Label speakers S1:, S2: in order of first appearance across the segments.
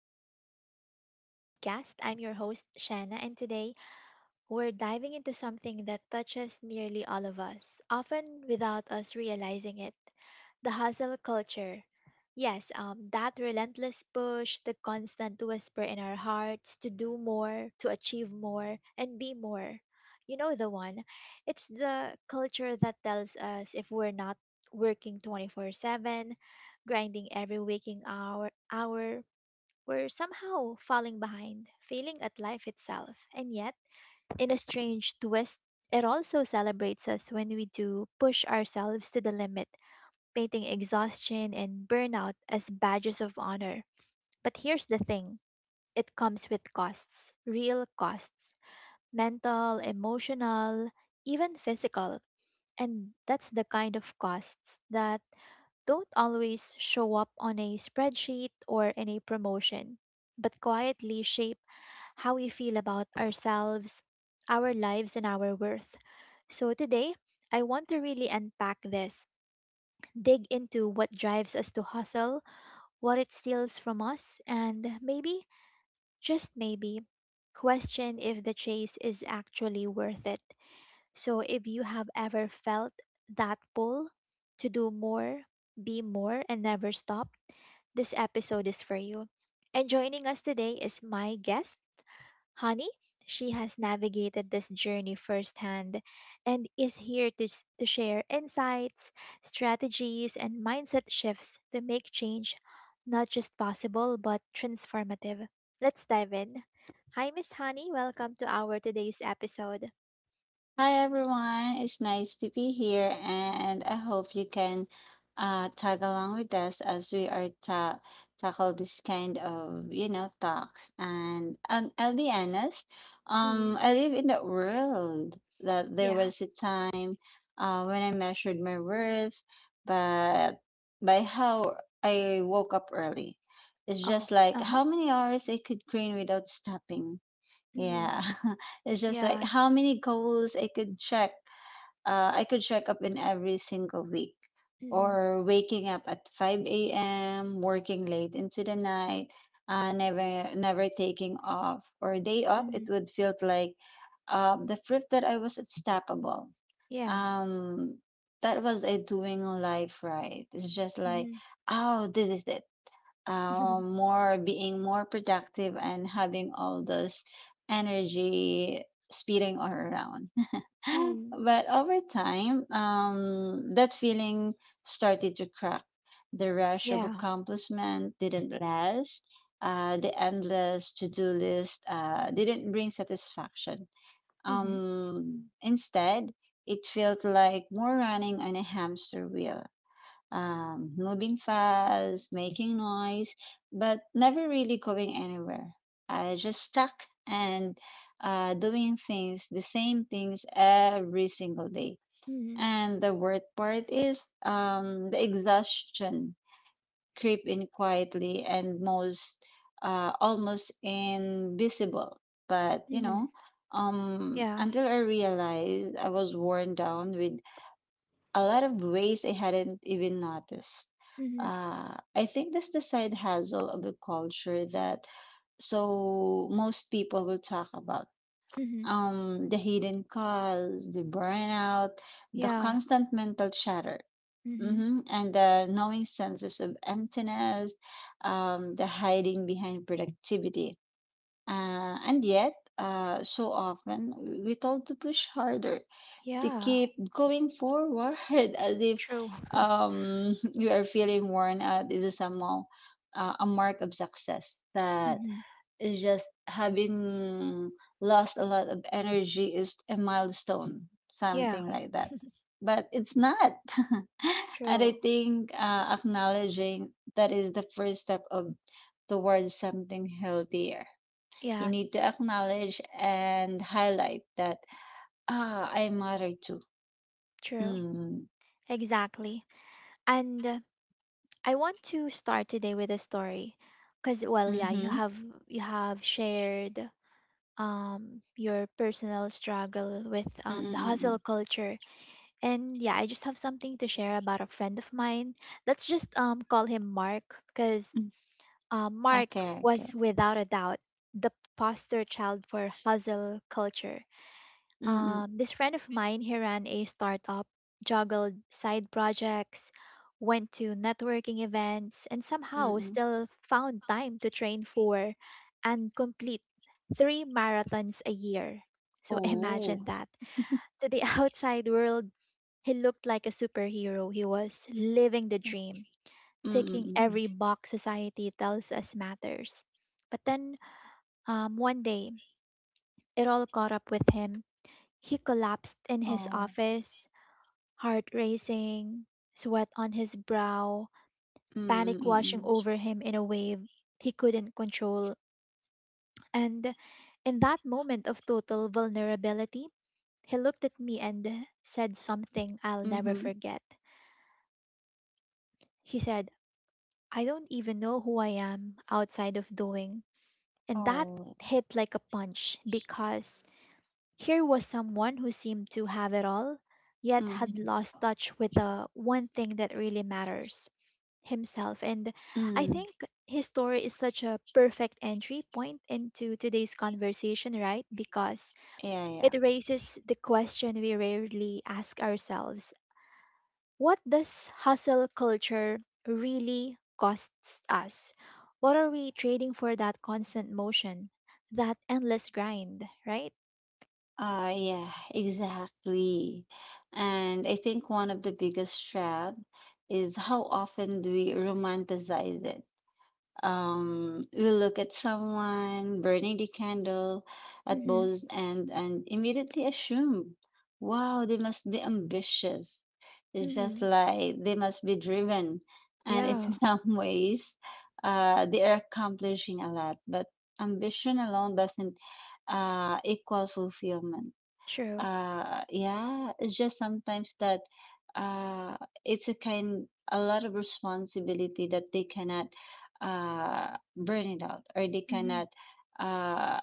S1: welcome back to our podcast. I'm your host, Shanna, and today we're diving into something that touches nearly all of us, often without us realizing it, the hustle culture. Yes, that relentless push, the constant whisper in our hearts to do more, to achieve more, and be more. You know the one. It's the culture that tells us if we're not working 24/7, grinding every waking hour, we're somehow falling behind, failing at life itself. And yet, in a strange twist, it also celebrates us when we do push ourselves to the limit, painting exhaustion and burnout as badges of honor. But here's the thing, it comes with costs, real costs, mental, emotional, even physical. And that's the kind of costs that don't always show up on a spreadsheet or in a promotion, but quietly shape how we feel about ourselves, our lives, and our worth. So today, I want to really unpack this, dig into what drives us to hustle, what it steals from us, and maybe, just maybe, question if the chase is actually worth it. So if you have ever felt that pull to do more, be more, and never stop, this episode is for you. And joining us today is my guest, Honey. She has navigated this journey firsthand and is here to, to share insights, strategies, and mindset shifts to make change not just possible but transformative. Let's dive in. Hi, Miss Honey. Welcome to our today's episode.
S2: Hi everyone, it's nice to be here, and I hope you can tag along with us as we are ta tackle this kind of talks. And I'll be honest.
S1: Mhm.
S2: I live in the world that there
S1: Yeah.
S2: was a time when I measured my worth, but by how I woke up early. It's
S1: Oh.
S2: just like
S1: Uh huh.
S2: how many hours I could clean without stopping.
S1: Mm.
S2: Yeah. It's just like
S1: Yeah.
S2: how many goals I could check. I could check up in every single week.
S1: Mm-hmm.
S2: Or waking up at 5 a.m., working late into the night, never taking off or day off. It
S1: Mm-hmm.
S2: would feel like the proof that I was unstoppable.
S1: Yeah.
S2: Um, that was a doing life right. It's just like,
S1: Mm-hmm.
S2: oh, this is it. Um, more being more productive and having all those energy speeding all around.
S1: Mm-hmm.
S2: But over time, that feeling started to crack. The rush of
S1: Yeah.
S2: accomplishment didn't last. The endless to-do list didn't bring satisfaction.
S1: Mm-hmm.
S2: Instead, it felt like more running on a hamster wheel, moving fast, making noise, but never really going anywhere. I just stuck and doing things, the same things every single day.
S1: Mhm.
S2: And the worst part is, the exhaustion creep in quietly and most almost invisible. But you
S1: Mhm.
S2: know,
S1: Yeah.
S2: until I realized I was worn down with a lot of ways I hadn't even noticed.
S1: Mhm.
S2: I think that's the side hustle of the culture that so most people will talk about.
S1: Mhm.
S2: The hidden cause, the burnout, the
S1: Yeah.
S2: constant mental chatter,
S1: Mhm.
S2: and the knowing senses of emptiness, the hiding behind productivity. Uh, and yet, so often we told to push harder, to
S1: Yeah.
S2: keep going forward, as if,
S1: True.
S2: you are feeling worn out, this is somehow a mark of success, that
S1: Mhm.
S2: is just having lost a lot of energy is a milestone,
S1: Yeah.
S2: something like that. But it's not. and I
S1: True.
S2: think Acknowledging that is the first step of towards something healthier. You
S1: Yeah.
S2: need to acknowledge and highlight that, ah, I matter too.
S1: True.
S2: Mm.
S1: Exactly. And I want to start today with a story, because well, yeah,
S2: Mhm.
S1: you have shared your personal struggle with
S2: Mm,
S1: the hustle
S2: mm,
S1: culture, and yeah, I just have something to share about a friend of mine. Let's just call him Mark. Because
S2: mm.
S1: Mark
S2: Okey, okey.
S1: was without a doubt the poster child for hustle culture.
S2: Mm, mm.
S1: This friend of mine, he ran a startup, juggled side projects, went to networking events, and
S2: Mm,
S1: somehow
S2: mm.
S1: still found time to train for and complete three marathons a year. So
S2: Oh.
S1: imagine that. To the outside world, he looked like a superhero. He was living the
S2: Thank-.
S1: dream,
S2: Mm, mm.
S1: ticking
S2: Mm, mm.
S1: every box society tells us matters. But then, one day, it all caught up with him. He collapsed in his
S2: Oh.
S1: office, heart racing, sweat on his brow,
S2: Mm, mm.
S1: panic
S2: Mm,
S1: washing
S2: mm.
S1: over him in a wave he couldn't control. And in that moment of total vulnerability, he looked at me and said something I'll never
S2: Mhm.
S1: forget. He said, "I don't even know who I am outside of doing." And that
S2: Oh.
S1: hit like a punch, because here was someone who seemed to have it all, yet had
S2: Mhm.
S1: lost touch with the one thing that really matters: himself. And I
S2: Mm.
S1: think his story is such a perfect entry point into today's conversation, right? Because
S2: Yeah, yeah.
S1: it raises the question we rarely ask ourselves: what does hustle culture really costs us? What are we trading for that constant motion, that endless grind, right?
S2: Yeah, exactly. And I think one of the biggest trap is how often do we romanticize it. We look at someone burning the candle at
S1: Mm-hmm.
S2: both ends and immediately assume, wow, they must be ambitious. It's just
S1: Mm-hmm.
S2: like they must be driven. And it's
S1: Yeah,
S2: in some ways, they are accomplishing a lot, but ambition alone doesn't equal fulfillment.
S1: true.
S2: Yeah, it's just sometimes that uh, it's a kind a lot of responsibility that they cannot burn it out, or they
S1: Mm-hmm.
S2: cannot uh,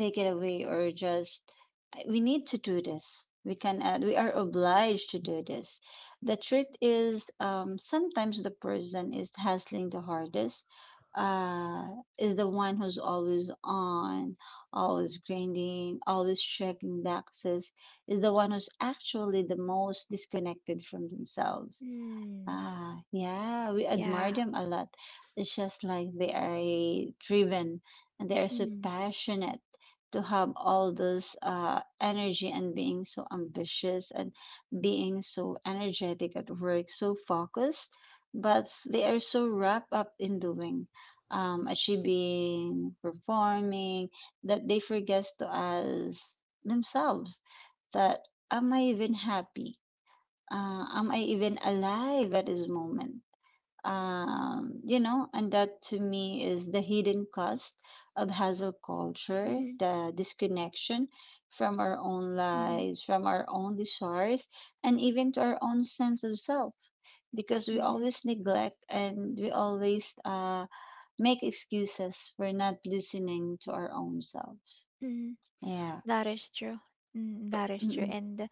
S2: take it away, or just we need to do this. We can, we are obliged to do this. The truth is, sometimes the person is hustling the hardest, uh, is the one who's always on, always grinding, always checking boxes, is the one who's actually the most disconnected from themselves.
S1: Mm,
S2: Ah, yeah, we
S1: yeah.
S2: admire them a lot. It's just like they are driven and they are so
S1: Mm,
S2: passionate to have all those energy and being so ambitious and being so energetic at work, so focused, but they are so wrapped up in doing, achieving, performing, that they forget to ask themselves that, am I even happy? Am I even alive at this moment? And that to me is the hidden cost of hustle culture,
S1: mm-hmm.
S2: the disconnection from our own
S1: Mm-hmm.
S2: lives, from our own desires, and even to our own sense of self. Because we
S1: Mm-hmm.
S2: always neglect, and we always make excuses for not listening to our own selves.
S1: Mm-hmm.
S2: Yeah.
S1: That is true. Mm, that is true.
S2: Mm-mm.
S1: And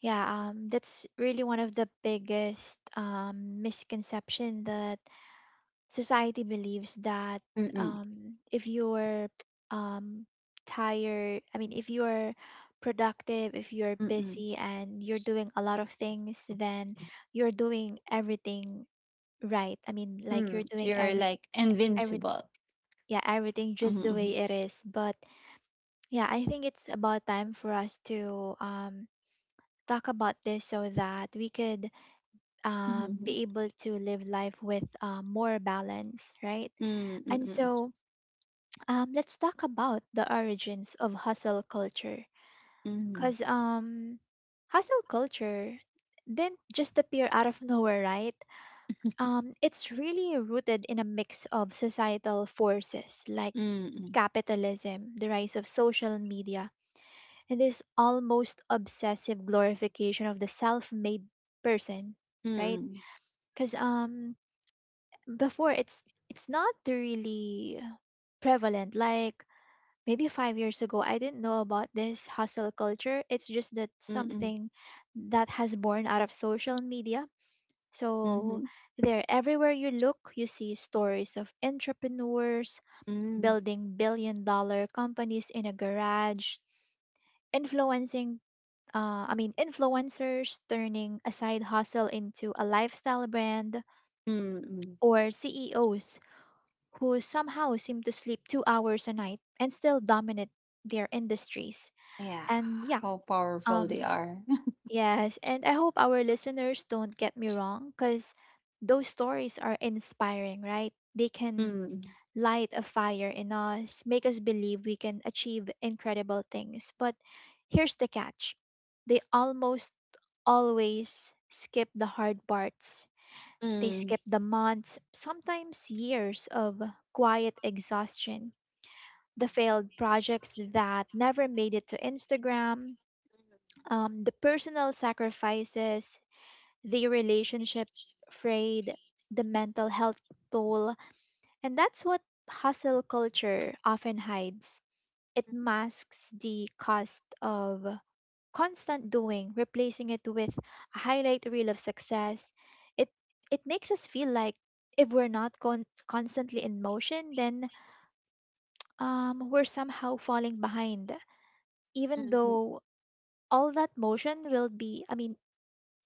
S1: yeah, that's really one of the biggest misconception that society believes that,
S2: Mm-mm.
S1: if you're um, tired, I mean, if you're productive, if you're
S2: Mm-mm.
S1: busy and you're doing a lot of things, then you're doing everything right. I mean, like
S2: Hmm.
S1: you're doing
S2: You're like
S1: every,
S2: invincible.
S1: yeah, everything just the way it is. But yeah, I think it's about time for us to talk about this so that we could
S2: Mhm.
S1: be able to live life with more balance, right?
S2: Mm,
S1: And
S2: mm,
S1: so, let's talk about the origins of hustle culture.
S2: mm,
S1: Cause hustle culture didn't just appear out of nowhere, right? It's really rooted in a mix of societal forces like
S2: mm,
S1: capitalism, the rise of social media, and this almost obsessive glorification of the self-made person,
S2: mm,
S1: right?
S2: mm,
S1: Cause before it's not really prevalent like maybe 5 years ago. I didn't know about this hustle culture. It's just that
S2: mm, mm.
S1: something that has born out of social media. So
S2: Mhm.
S1: there, everywhere you look, you see stories of entrepreneurs
S2: Mm,
S1: building billion dollar companies in a garage, influencing I mean, influencers turning a side hustle into a lifestyle brand,
S2: mm. Mm.
S1: or CEOs who somehow seem to sleep 2 hours a night and still dominate their industries.
S2: Yeah,
S1: And yeah,
S2: how powerful they
S1: Um,
S2: are.
S1: yes, and I hope our listeners don't get me wrong, because those stories are inspiring, right? They can
S2: Mm,
S1: light a fire in us, make us believe we can achieve incredible things. But here's the catch: they almost always skip the hard parts.
S2: mm,
S1: They
S2: mm.
S1: skip the months, sometimes years of quiet exhaustion, the failed projects that never made it to Instagram, the personal sacrifices, the relationship frayed, the mental health toll, and that's what hustle culture often hides. It masks the cost of constant doing, replacing it with a highlight reel of success. It it makes us feel like if we're not constantly in motion, then we're somehow falling behind, even
S2: Mhm.
S1: though all that motion will be, I mean,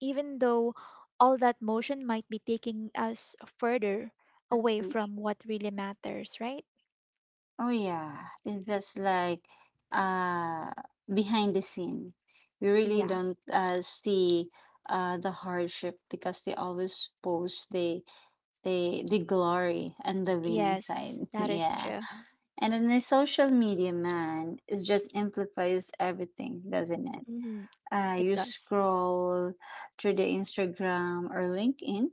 S1: even though all that motion might be taking us further away
S2: Mhm.
S1: from what really matters, right?
S2: Oh yeah, it's just like, uh behind the scene, we really
S1: Yeah.
S2: don't see the hardship, because they always post the glory and the winning
S1: Yes,
S2: side.
S1: that is
S2: Yeah.
S1: true.
S2: And then the social media, man, it just amplifies everything, doesn't it?
S1: Hmm. It
S2: You
S1: does.
S2: scroll through the Instagram or LinkedIn,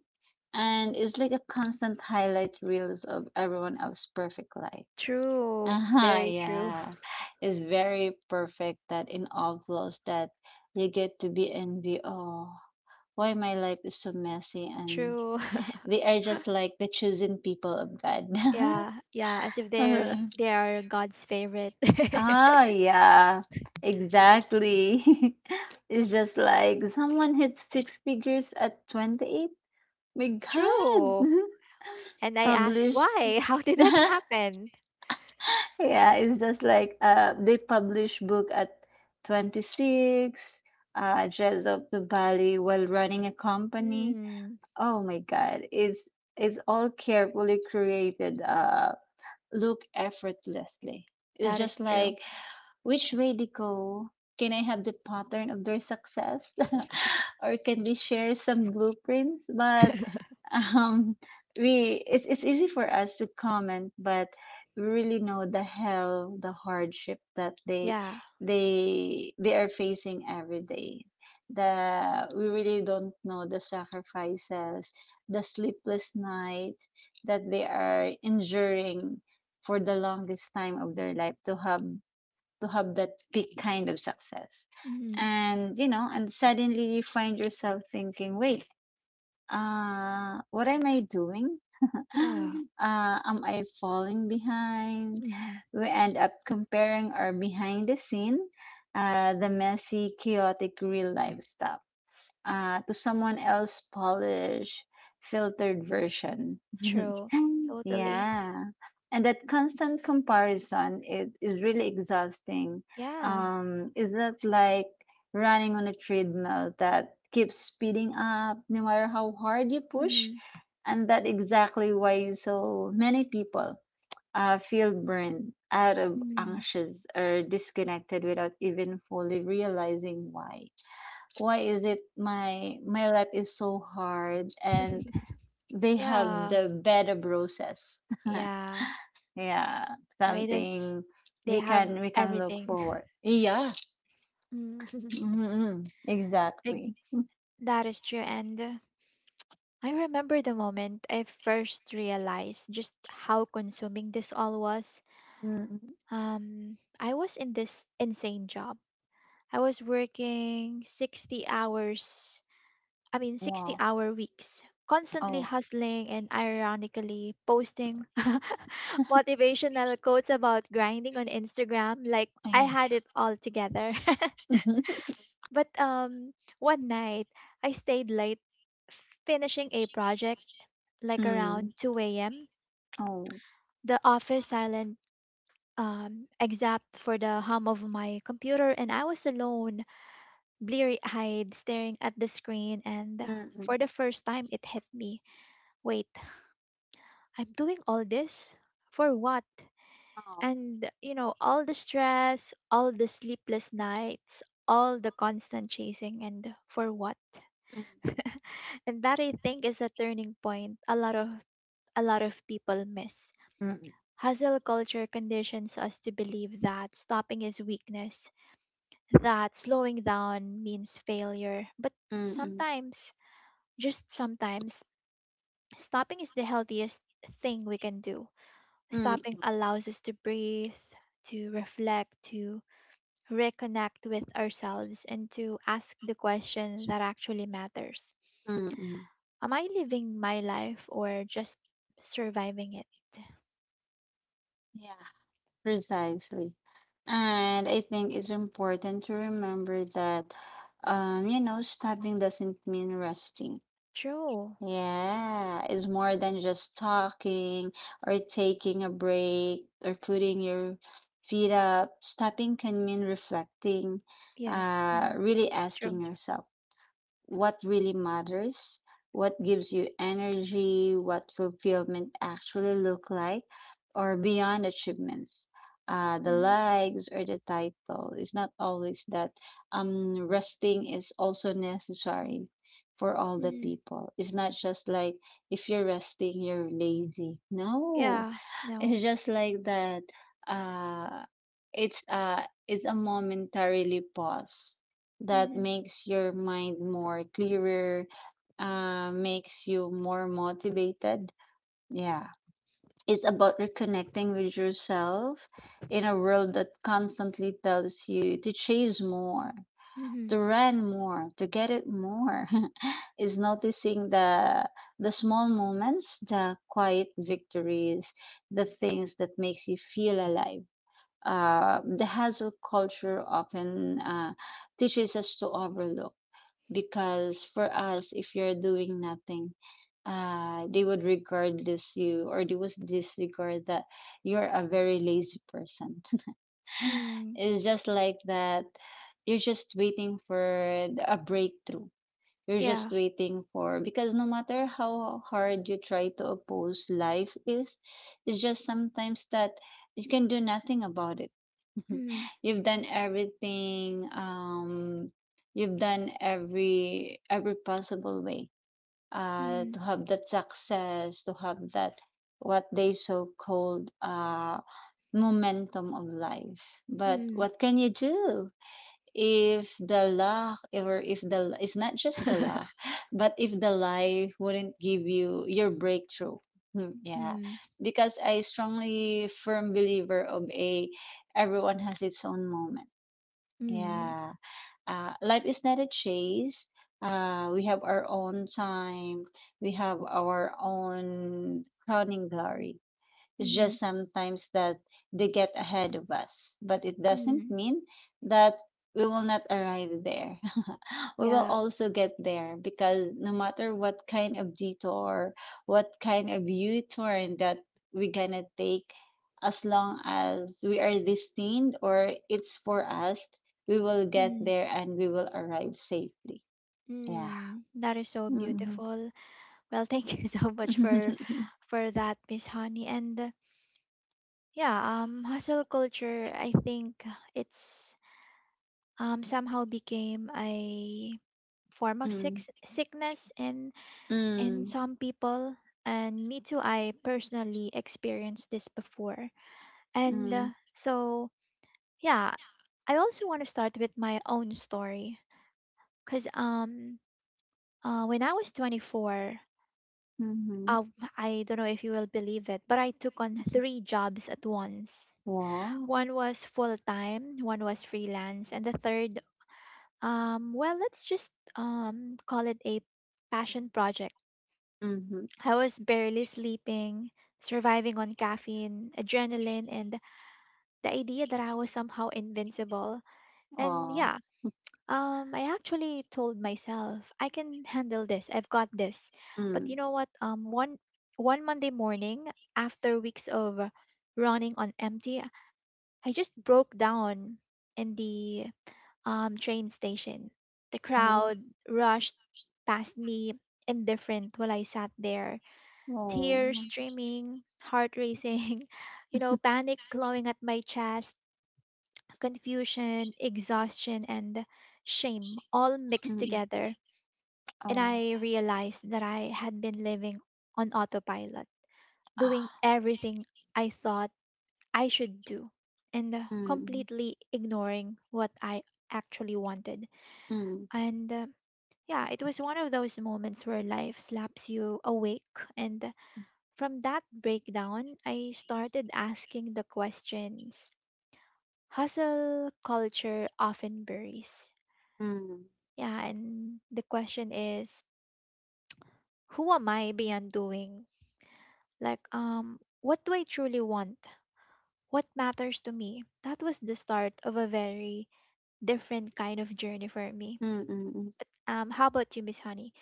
S2: and it's like a constant highlight reels of everyone else's perfect life.
S1: True,
S2: Uh-huh,
S1: very true.
S2: yeah. It's very perfect that in all flows that you get to be envy. Oh, why my life is so messy, and
S1: True.
S2: they are just like the chosen people of God.
S1: Yeah, yeah, as if they're they are God's favorite.
S2: Ah, yeah, exactly. It's just like someone hit six figures at 28. My God.
S1: True. And I ask
S2: Publish.
S1: why? How did that happen?
S2: Yeah, it's just like, they publish book at 26, dress up to Bali while running a company.
S1: Hmm.
S2: Oh my God, it's all carefully created. Look effortlessly. It's
S1: That is
S2: just
S1: true.
S2: like, which way they go? Can I have the pattern of their success? Or can they share some blueprints? But um, we it's easy for us to comment, but we really know the hell, the hardship that they
S1: Yeah,
S2: they they are facing every day. The We really don't know the sacrifices, the sleepless night that they are enduring for the longest time of their life to have that big kind of success.
S1: hmm,
S2: And you know, and suddenly you find yourself thinking, wait, what am I doing?
S1: yeah,
S2: Am I falling behind?
S1: hmm,
S2: We end up comparing our behind the scene, the messy chaotic real life stuff, to someone else polished, filtered version.
S1: true. Totally.
S2: Yeah. And that constant comparison, it is really exhausting.
S1: Yeah.
S2: Is that like running on a treadmill that keeps speeding up no matter how hard you push?
S1: Mm-hmm.
S2: And that exactly why so many people feel burned out of
S1: Mm-hmm.
S2: anxious or disconnected without even fully realizing why. Why is it my life is so hard, and they have
S1: Yeah,
S2: the bed of roses?
S1: yeah.
S2: Yeah,
S1: Why does
S2: something
S1: they
S2: we
S1: have
S2: can, we can look
S1: everything?
S2: forward. Yeah.
S1: Mm.
S2: Mm-hmm.
S1: Like
S2: Exactly.
S1: that is true. And I remember the moment I first realized just how consuming this all was.
S2: Mm.
S1: I was in this insane job. I was working 60 hours I mean, 60
S2: Wow.
S1: hour weeks, constantly
S2: Oh.
S1: hustling and ironically posting motivational quotes about grinding on Instagram like I
S2: Oh.
S1: had it all together. But one night, I stayed late finishing a project like
S2: Mhm. Mm.
S1: around 2 a.m.
S2: Oh.
S1: The office silent, except for the hum of my computer, and I was alone, bleary eyed, staring at the screen. And for the
S2: Mm-mm.
S1: first time, it hit me: wait, I'm doing all this for what?
S2: Oh.
S1: And, you know, all the stress, all the sleepless nights, all the constant chasing, and for what? And that, I think, is a turning point a lot of people miss.
S2: Mm-mm.
S1: Hustle culture conditions us to believe that stopping is weakness, that slowing down means failure. But
S2: Mm-mm.
S1: sometimes, just sometimes, stopping is the healthiest thing we can do. Stopping
S2: Mm-mm.
S1: allows us to breathe, to reflect, to reconnect with ourselves, and to ask the question that actually matters:
S2: Mm-mm.
S1: am I living my life or just surviving it?
S2: Yeah. Precisely. And I think it's important to remember that, stopping doesn't mean resting.
S1: True.
S2: Yeah, it's more than just talking or taking a break or putting your feet up. Stopping can mean reflecting,
S1: Yes. Hmm.
S2: really
S1: True.
S2: asking yourself, what really matters, what gives you energy, what fulfillment actually look like, or beyond achievements. The
S1: Hmm.
S2: likes or the title. It's not always that, resting is also necessary for all the
S1: Hmm.
S2: people. It's not just like if you're resting, you're lazy. No,
S1: Yeah. No.
S2: it's just like that. Uh, it's uh, it's a momentarily pause that
S1: Hmm.
S2: makes your mind more clearer, makes you more motivated. Yeah, it's about reconnecting with yourself in a world that constantly tells you to chase more,
S1: Hmm.
S2: to run more, to get it more. Is noticing the small moments, the quiet victories, the things that makes you feel alive. The hustle culture often teaches us to overlook, because for us, if you're doing nothing, they would regard this you, or they would disregard that you're a very lazy person.
S1: Mm.
S2: It's just like that. You're just waiting for the- A breakthrough. You're
S1: Yeah.
S2: just waiting for. Because no matter how hard you try to oppose life is, it's just sometimes that you can do nothing about it.
S1: Hmm.
S2: You've done everything. You've done every possible way
S1: Hmm.
S2: to have that success, to have that what they so called, momentum of life. But
S1: Hmm.
S2: what can you do if the luck, or if the, it's not just the luck, but if the life wouldn't give you your breakthrough? Hmm. Yeah,
S1: Mm,
S2: because I strongly firm believer of a, everyone has its own moment.
S1: mm,
S2: Yeah. Life is not a chase. We have our own time. We have our own crowning glory. It's just
S1: mm,
S2: sometimes that they get ahead of us, but it doesn't
S1: mm.
S2: mean that we will not arrive there. We will
S1: Yeah.
S2: also get there, because no matter what kind of detour, what kind of U turn that we're gonna take, as long as we are destined or it's for us, we will get
S1: Mm,
S2: there and we will arrive safely. Yeah.
S1: mm. That is so
S2: Mm-hmm.
S1: beautiful. Well, thank you so much for that, Miss Honey. And yeah, hustle culture, I think, it's somehow became a form of sickness in
S2: Mm-hmm.
S1: some people. And me too. I personally experienced this before. And so yeah, I also want to start with my own story. Cause when I was 24,
S2: Mm-hmm.
S1: uh, I don't know if you will believe it, but I took on three jobs at once.
S2: Wow.
S1: One was full time, one was freelance, and the third, well, let's just call it a passion project.
S2: Hmm.
S1: I was barely sleeping, surviving on caffeine, adrenaline, and the idea that I was somehow invincible.
S2: Ờ,
S1: And yeah, I actually told myself, I can handle this, I've got this. But
S2: ừm,
S1: you know what? One Monday morning, after weeks of running on empty, I just broke down in the, train station. The
S2: ồ,
S1: crowd rushed past me, indifferent while I sat there,
S2: ồ,
S1: tears streaming, heart racing, you know, panic glowing at my chest, confusion, exhaustion, and shame all mixed
S2: ừm,
S1: together.
S2: ờ,
S1: And I realized that I had been living on autopilot,
S2: à,
S1: doing everything I thought I should do, and
S2: ừm,
S1: completely ignoring what I actually wanted.
S2: ừm,
S1: And yeah, it was one of those moments where life slaps you awake. And from that breakdown, I started asking the questions hustle culture often buries.
S2: ừm,
S1: Yeah, and the question is, who am I beyond doing? Like, what do I truly want? What matters to me? That was the start of a very different kind of journey for me.
S2: ừm, ừm, ừm.
S1: How about you, Miss Honey?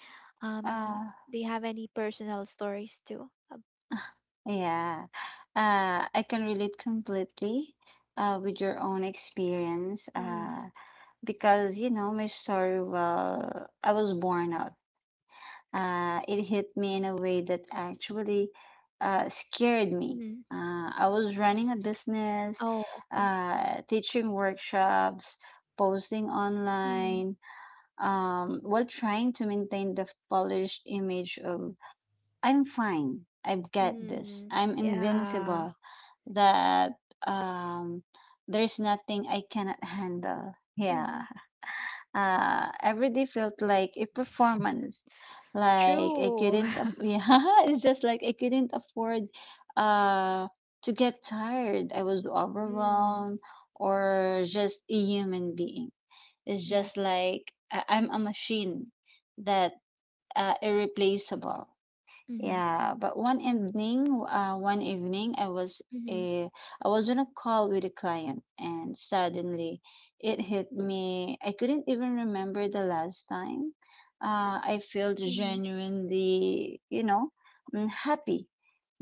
S1: Um,
S2: Ah,
S1: do you have any personal stories too?
S2: yeah, I can relate completely, with your own experience.
S1: Um.
S2: Because, you know, my story, well, I was born out. It hit me in a way that actually scared me.
S1: Mhm.
S2: I was running a business,
S1: Oh, okay.
S2: teaching workshops, posting
S1: Mm.
S2: online, while trying to maintain the polished image of, I'm fine, I've got this,
S1: Mm.
S2: I'm
S1: Yeah.
S2: invincible, that, um, there's nothing I cannot handle. Yeah.
S1: Mm-hmm.
S2: Every day felt like a performance. Like I
S1: True.
S2: couldn't, aff- yeah, it's just like I couldn't afford uh to get tired. I was
S1: Mm.
S2: overwhelmed or just a human being. It's just
S1: Yes.
S2: like I'm a machine that irreplaceable.
S1: Mm-hmm.
S2: Yeah, but one evening, I was
S1: Mm-hmm.
S2: a, I was on a call with a client, and suddenly, it hit me. I couldn't even remember the last time. I felt
S1: Mm-hmm.
S2: genuinely, mm, happy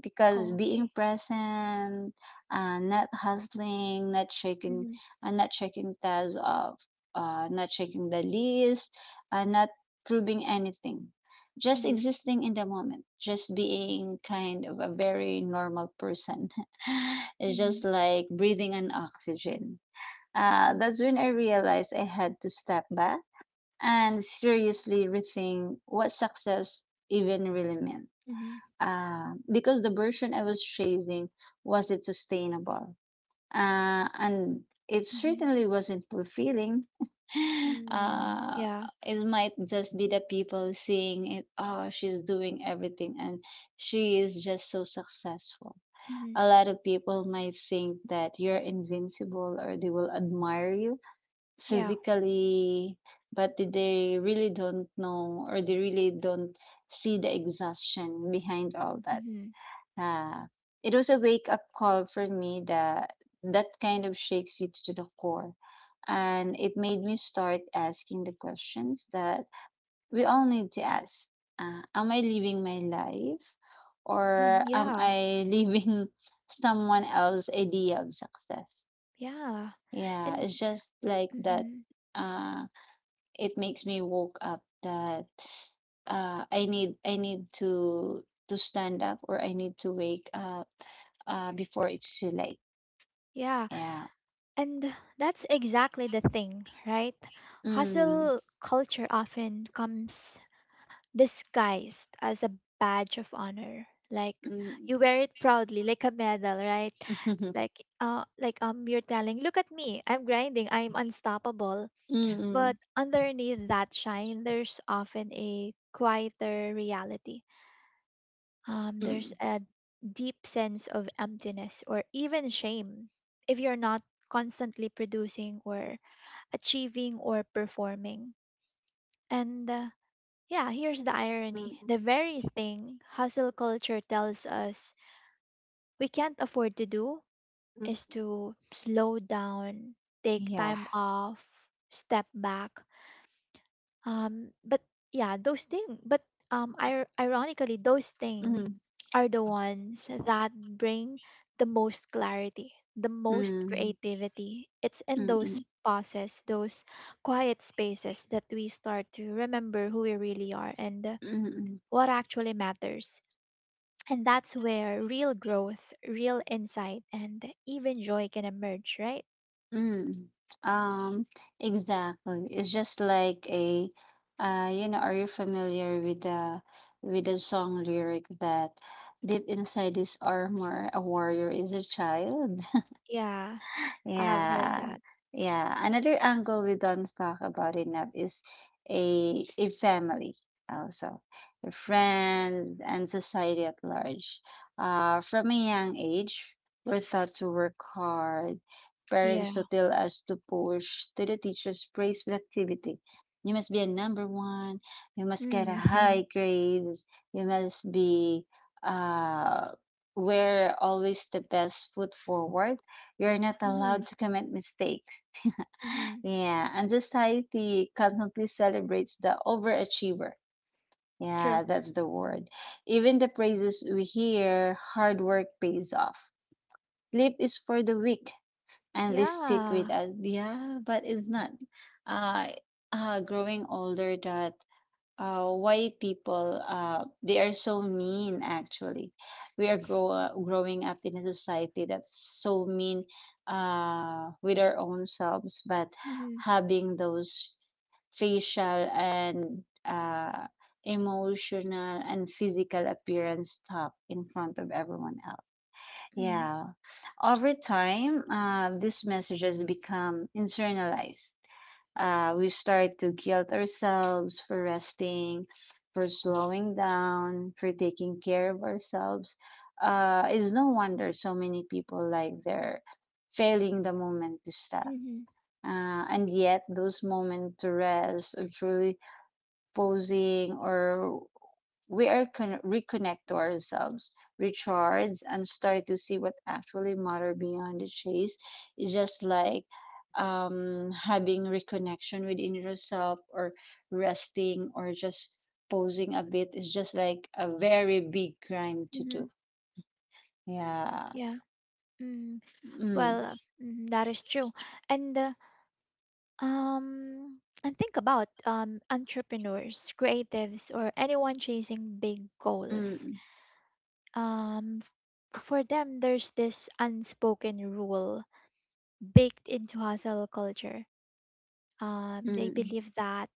S2: because
S1: Oh,
S2: being
S1: okay.
S2: present, not hustling, not checking,
S1: Mm-hmm.
S2: not checking tasks off, not checking the list, not proving anything, just
S1: Mm-hmm.
S2: existing in the moment, just being kind of a very normal person. It's
S1: Mm-hmm.
S2: just like breathing in oxygen. That's when I realized I had to step back and seriously rethink what success even really meant.
S1: Mm-hmm.
S2: Because the version I was chasing wasn't sustainable and it
S1: Mm-hmm.
S2: certainly wasn't fulfilling.
S1: Mm-hmm.
S2: uh,
S1: Yeah.
S2: it might just be the people seeing it. Oh, she's doing everything, and she is just so successful.
S1: Mm-hmm.
S2: A lot of people might think that you're invincible, or they will admire you
S1: Yeah.
S2: physically, but they really don't know, or they really don't see the exhaustion behind all that.
S1: Mm-hmm.
S2: Ah, it was a wake up call for me, that that kind of shakes you to the core. And it made me start asking the questions that we all need to ask. Am I living my life,
S1: Mm-hmm.
S2: or am
S1: Yeah.
S2: I living someone else's idea of success?
S1: Yeah.
S2: Yeah,
S1: And
S2: it's just like that.
S1: mm-hmm.
S2: Uh, it makes me woke up that I need to stand up, or I need to wake up before it's too late.
S1: Yeah.
S2: Yeah.
S1: And that's exactly the thing, right?
S2: Mm.
S1: Hustle culture often comes disguised as a badge of honor. Like
S2: Mm.
S1: you wear it proudly, like a medal, right?
S2: Mm.
S1: Like you're telling, look at me, I'm grinding, I'm unstoppable. But
S2: Mm.
S1: underneath that shine there's often a quieter reality. There's
S2: Mm.
S1: a deep sense of emptiness or even shame if you're not constantly producing or achieving or performing. And yeah, here's the irony.
S2: Mm.
S1: The very thing hustle culture tells us we can't afford to do
S2: Mm.
S1: is to slow down, take
S2: Yeah.
S1: time off, step back. But yeah, those things, but ironically, those things
S2: Mm.
S1: are the ones that bring the most clarity, the most
S2: Mm.
S1: creativity. It's in
S2: Mm.
S1: those
S2: Mm.
S1: pauses, those quiet spaces that we start to remember who we really are and
S2: Mm.
S1: what actually matters. And that's where real growth, real insight, and even joy can emerge, right?
S2: Mm. Um, exactly. It's just like you know, are you familiar with the song lyric that deep inside this armor, a warrior is a child?
S1: Yeah, I have heard
S2: Yeah.
S1: that.
S2: Yeah. Another angle we don't talk about enough is a family also. Your friends and society at large. From a young age, we're taught to work hard.
S1: Yeah.
S2: Parents to tell us to push, to the teachers praise productivity. You must be a number one, you must get a
S1: Mm-hmm.
S2: high grades, you must be uh wear always the best foot forward, you're not allowed to commit mistakes.
S1: Mm-hmm.
S2: Yeah, and society constantly celebrates the overachiever.
S1: True.
S2: Yeah, that's the word. Even the praises we hear, hard work pays off. Sleep is for the weak, and they stick
S1: Yeah.
S2: with us. Yeah, but it's not. Uh, growing older, that why people they are so mean, actually we are growing up in a society that's so mean with our own selves, but
S1: Mm-hmm.
S2: having those facial and emotional and physical appearance top in front of everyone else,
S1: Mm-hmm.
S2: yeah, over time these messages become internalized, we start to guilt ourselves for resting, for slowing down, for taking care of ourselves. It's no wonder so many people like they're failing the moment to stop.
S1: Mm-hmm.
S2: And yet, those moments to rest, or truly posing, or we are reconnect to ourselves, recharge, and start to see what actually matter beyond the chase. It's just like having reconnection within yourself, or resting, or just posing a bit. It's just like a very big crime to do. Yeah.
S1: Yeah. Mm.
S2: Mm,
S1: Well, mm, that is true. And uh, um, and think about entrepreneurs, creatives, or anyone chasing big goals.
S2: mm,
S1: Um, for them there's this unspoken rule baked into hustle culture, they
S2: mm.
S1: believe that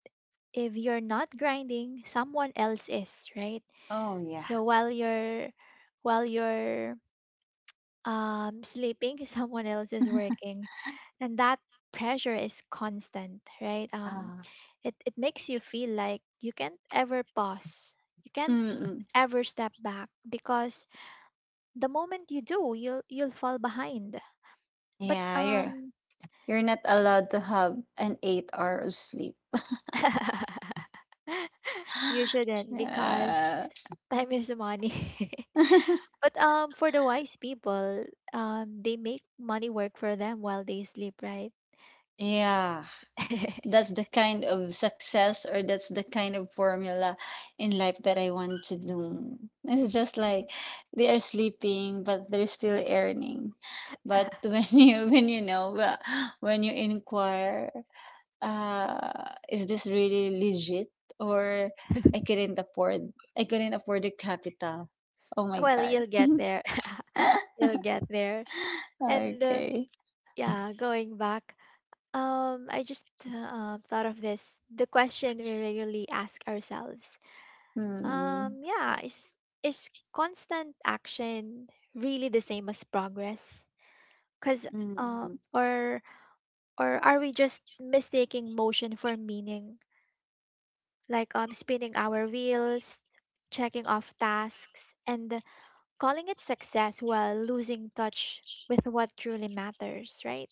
S1: if you're not grinding someone else is, right?
S2: Oh yeah.
S1: So while you're sleeping someone else is working, and that pressure is constant, right? um,
S2: Ah.
S1: it, it makes you feel like you can't ever pause, you
S2: Mm,
S1: can't
S2: mm.
S1: ever step back, because the moment you do you'll fall behind. But
S2: Yeah. You're not allowed to have an 8-hour of sleep.
S1: You shouldn't, because
S2: yeah.
S1: time is money. But for the wise people, they make money work for them while they sleep, right?
S2: Yeah, that's the kind of success, or that's the kind of formula in life that I want to do. It's just like they are sleeping, but they're still earning. But when you know when you inquire, is this really legit, or I couldn't afford I couldn't afford the capital. Oh my
S1: Well,
S2: God.
S1: you'll get there. You'll get there. And
S2: Okay.
S1: yeah, going back, I just thought of this. The question we regularly ask ourselves.
S2: Hmm.
S1: Yeah, is constant action really the same as progress? Cuz
S2: Mm,
S1: um
S2: mm.
S1: or or are we just mistaking motion for meaning, like spinning our wheels, checking off tasks, and calling it success while losing touch with what truly matters, right?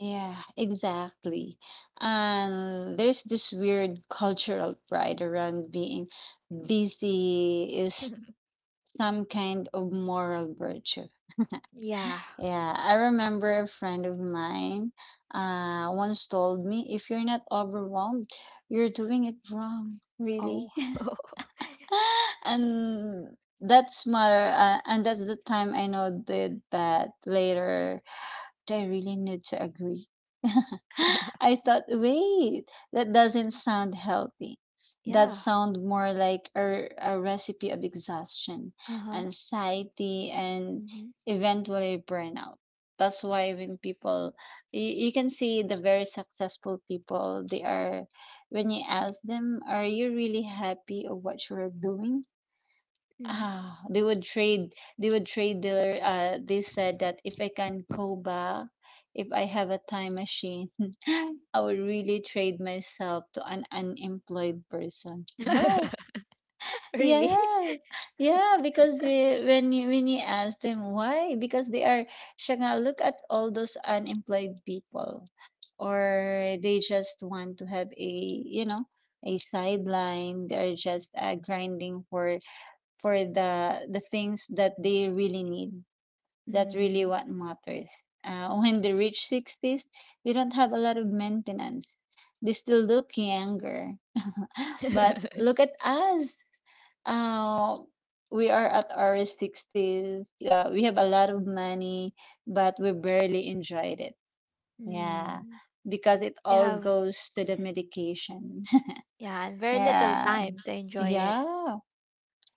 S2: Yeah, exactly. And there's this weird cultural pride around being busy is some kind of moral virtue.
S1: Yeah.
S2: Yeah, I remember a friend of mine once told me if you're not overwhelmed, you're doing it wrong,
S1: Oh.
S2: really. And that's matter and that's the time I know did that later, do I really need to agree? I thought, wait, that doesn't sound healthy. That
S1: Yeah.
S2: sounds more like a recipe of exhaustion,
S1: Uh huh.
S2: anxiety, and
S1: Mm-hmm.
S2: eventually burnout. That's why when people, you can see the very successful people, they are, when you ask them, are you really happy of what you're doing?
S1: Mm-hmm.
S2: Ah, they would trade their. They said that if I can go back, if I have a time machine, I would really trade myself to an unemployed person. What?
S1: Really?
S2: Yeah, yeah. Because we, when you ask them why, because they are. Siya nga, look at all those unemployed people, or they just want to have a you know a sideline. They are just grinding for the things that they really need. That's really
S1: Mm,
S2: what matters. When they reach 60s, they don't have a lot of maintenance. They still look younger. But look at us. Uh, we are at our 60s. We have a lot of money, but we barely enjoyed it. Yeah,
S1: mm.
S2: because it
S1: You
S2: all
S1: have,
S2: goes to the medication.
S1: yeah, and very little
S2: Yeah.
S1: time to enjoy it.
S2: Yeah.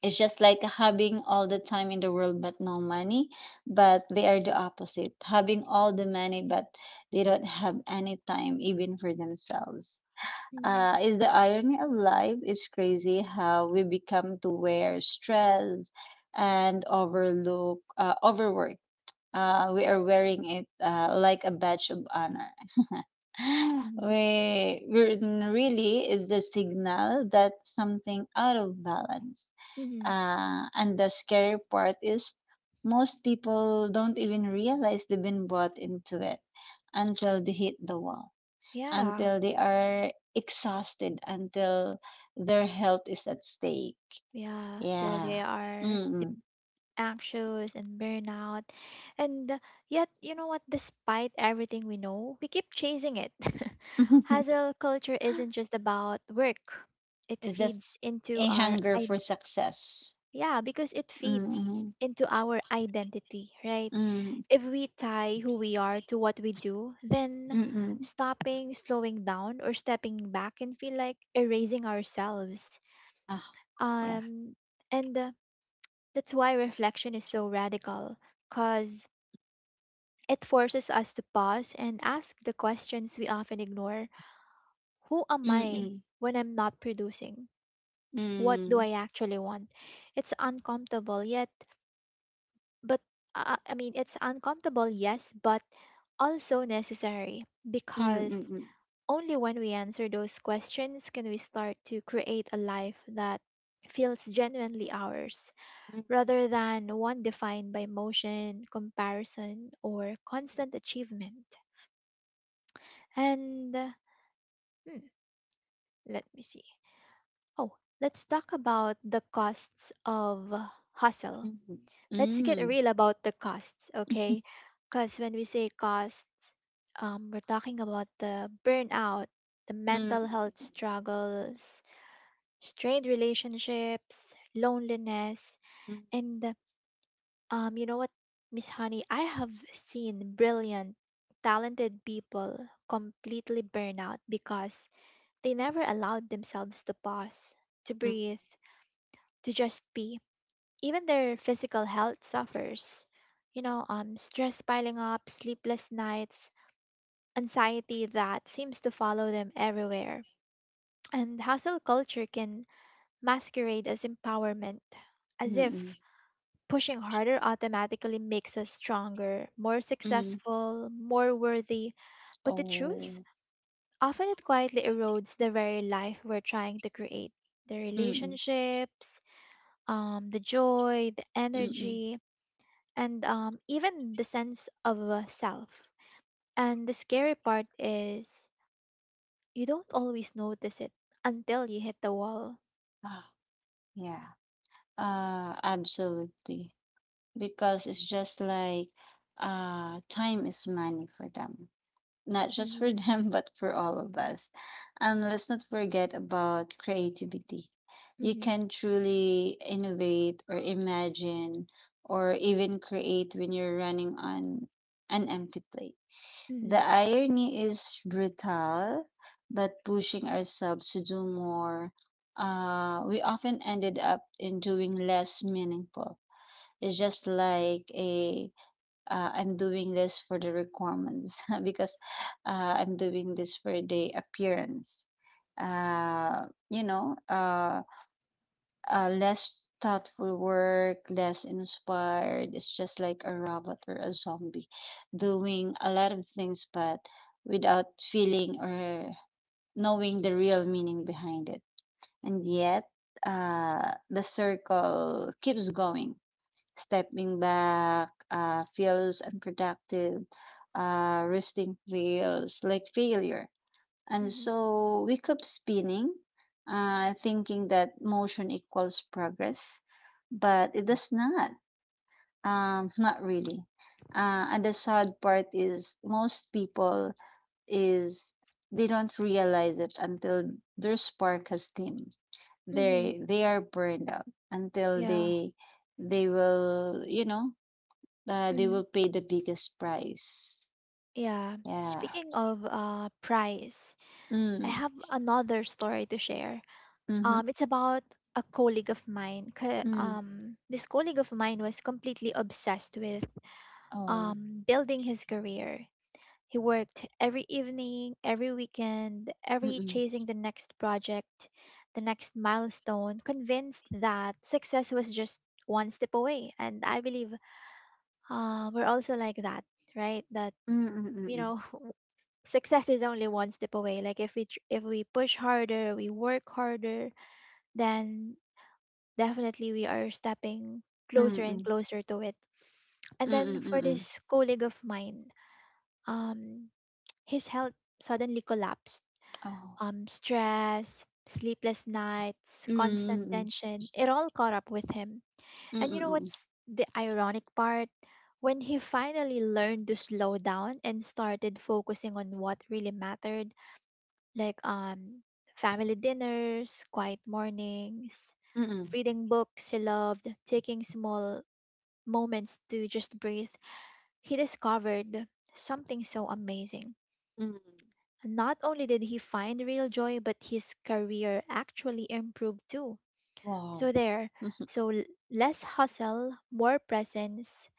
S2: It's just like having all the time in the world but no money, but they are the opposite, having all the money but they don't have any time even for themselves.
S1: Mm-hmm.
S2: Is the irony of life. It's crazy how we become to wear stress and overlook overwork, we are wearing it like a badge of honor. We really is the signal that something out of balance.
S1: Mm-hmm.
S2: And the scary part is most people don't even realize they've been brought into it until they hit the wall,
S1: Yeah,
S2: until they are exhausted, until their health is at stake.
S1: yeah, till they
S2: Yeah.
S1: are
S2: Mm-mm.
S1: anxious and burnout. And yet, you know what? Despite everything we know, we keep chasing it. Hustle culture isn't just about work. It
S2: It's just
S1: feeds into
S2: a
S1: our
S2: hunger
S1: id.
S2: for success.
S1: Yeah, because it feeds
S2: Mm,
S1: into our identity, right?
S2: hmm,
S1: If we tie who we are to what we do, then
S2: mm, mm.
S1: stopping, slowing down, or stepping back can feel like erasing ourselves.
S2: Ah, yeah.
S1: Um, and That's why reflection is so radical, because it forces us to pause and ask the questions we often ignore. Who am
S2: Mm,
S1: I
S2: mm,
S1: when I'm not producing? What do
S2: mm,
S1: I actually want? It's uncomfortable, yet, but I mean, it's uncomfortable, yes, but also necessary, because
S2: mm,
S1: only when we answer those questions can we start to create a life that feels genuinely ours
S2: mm,
S1: rather than one defined by motion, comparison, or constant achievement. And hmm, let me see. Oh, let's talk about the costs of hustle.
S2: mm,
S1: Let's get
S2: mm,
S1: real about the costs, okay? Because when we say costs, we're talking about the burnout, the
S2: mm, mm,
S1: mental health
S2: mm,
S1: struggles, strained relationships, loneliness,
S2: mm. Mm,
S1: and you know what, Miss Honey, I have seen brilliant, talented people completely burn out because they never allowed themselves to pause, to breathe, to just be. Even their physical health suffers. You know, stress piling up, sleepless nights, anxiety that seems to follow them everywhere. And hustle culture can masquerade as empowerment, as
S2: mm, mm,
S1: if pushing harder automatically makes us stronger, more
S2: mm.
S1: successful, more worthy. But the truth?
S2: Oh,
S1: Often it quietly erodes the very life we're trying to create, the
S2: mm,
S1: relationships, the joy, the
S2: mm, mm.
S1: energy, and even the sense of self. And the scary part is you don't always notice it until you hit the wall.
S2: Ah, yeah. Absolutely. Because it's just like time is money for them. Not just for
S1: Mm-hmm,
S2: them, but for all of us. And let's not forget about creativity. You
S1: mm-hmm,
S2: can truly innovate, or imagine, or even create when you're running on an empty plate.
S1: mm-hmm,
S2: The irony is brutal, but pushing ourselves to do more, we often ended up in doing less meaningful. It's just like a I'm doing this for the requirements because I'm doing this for the appearance. Uh, you know, uh, less thoughtful work, less inspired. It's just like a robot or a zombie doing a lot of things, but without feeling or knowing the real meaning behind it. And yet, the circle keeps going. Stepping back feels unproductive. Resting feels like failure. And
S1: mm-hmm,
S2: so we keep spinning, thinking that motion equals progress, but it does not. Not really. And the sad part is most people is they don't realize it until their spark has dimmed.
S1: mm-hmm.
S2: They are burned out until
S1: Yeah.
S2: they will you know they
S1: Mm-hmm.
S2: will pay the biggest price.
S1: Yeah.
S2: Yeah.
S1: Speaking of price, I
S2: Mm.
S1: have another story to share.
S2: Mm-hmm.
S1: It's about a colleague of mine.
S2: Mm.
S1: This colleague of mine was completely obsessed with
S2: Oh.
S1: building his career. He worked every evening, every weekend, every
S2: Mm-mm.
S1: chasing the next project, the next milestone, convinced that success was just one step away. And I believe we're also like that, right? That, you
S2: Mm-mm.
S1: know, success is only one step away. Like if we push harder, we work harder, then definitely we are stepping
S2: Mm-mm.
S1: closer and
S2: Mm-mm.
S1: closer to it. And then for
S2: Mm-mm.
S1: this colleague of mine, um, his health suddenly collapsed.
S2: Oh.
S1: Stress, sleepless nights, constant
S2: Mm-mm.
S1: tension, it all caught up with him. And you know
S2: Mm-mm.
S1: what's the ironic part? When he finally learned to slow down and started focusing on what really mattered, like family dinners, quiet mornings,
S2: Mm-mm.
S1: reading books he loved, taking small moments to just breathe, he discovered something so amazing.
S2: Mm-mm.
S1: Not only did he find real joy, but his career actually improved too.
S2: Wow.
S1: So, there,
S2: Mm-hmm.
S1: so l- less hustle, more presence,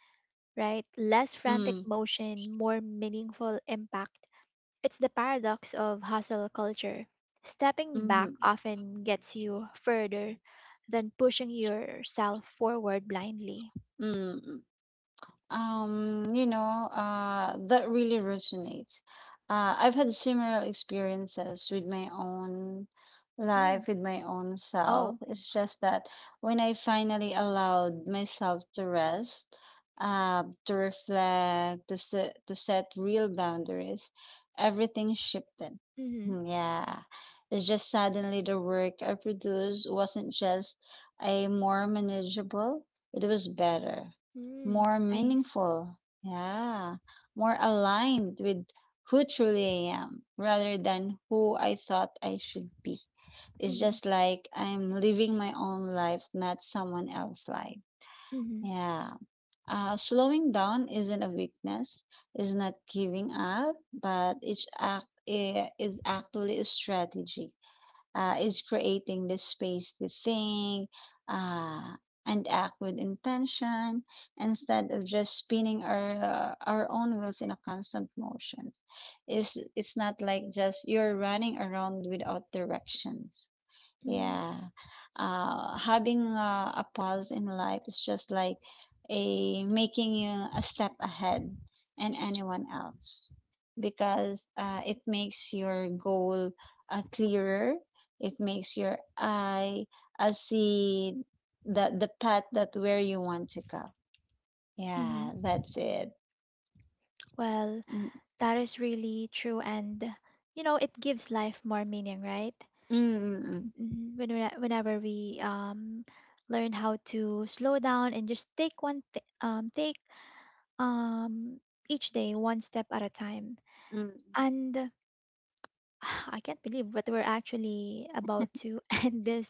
S1: right? Less frantic motion, more meaningful impact. It's the paradox of hustle culture. Stepping
S2: Mm-hmm.
S1: back often gets you further than pushing yourself forward blindly.
S2: Mm-hmm. That really resonates. I've had similar experiences with my own life,
S1: Mm.
S2: with my own
S1: Oh,
S2: self. It's just that when I finally allowed myself to rest, to reflect, to set real boundaries, everything shifted.
S1: mhm.
S2: Hmm. Yeah. It's just suddenly the work I produced wasn't just a more manageable, it was better,
S1: Mm,
S2: more
S1: I s-
S2: meaningful, yeah, more aligned with who truly I am rather than who I thought I should be. It's
S1: mhm,
S2: just like I'm living my own life, not someone else's life.
S1: mhm,
S2: Yeah. Slowing down isn't a weakness, is not giving up, but each is actually a strategy, is creating this space to think uh, and act with intention instead of just spinning our own wheels in a constant motion. It's not like just you're running around without directions.
S1: mhm,
S2: Yeah. Having a pause in life is just like a making you a step ahead and anyone else because it makes your goal clearer. It makes your eye see the path that where you want to go.
S1: mhm.
S2: Yeah, that's it.
S1: Well,
S2: Mm,
S1: that is really true, and you know, it gives life more meaning, right?
S2: mm, mm,
S1: Mhm. Whenever we learn how to slow down and just take um each day one step at a time,
S2: mm.
S1: and I can't believe what we're actually about to end this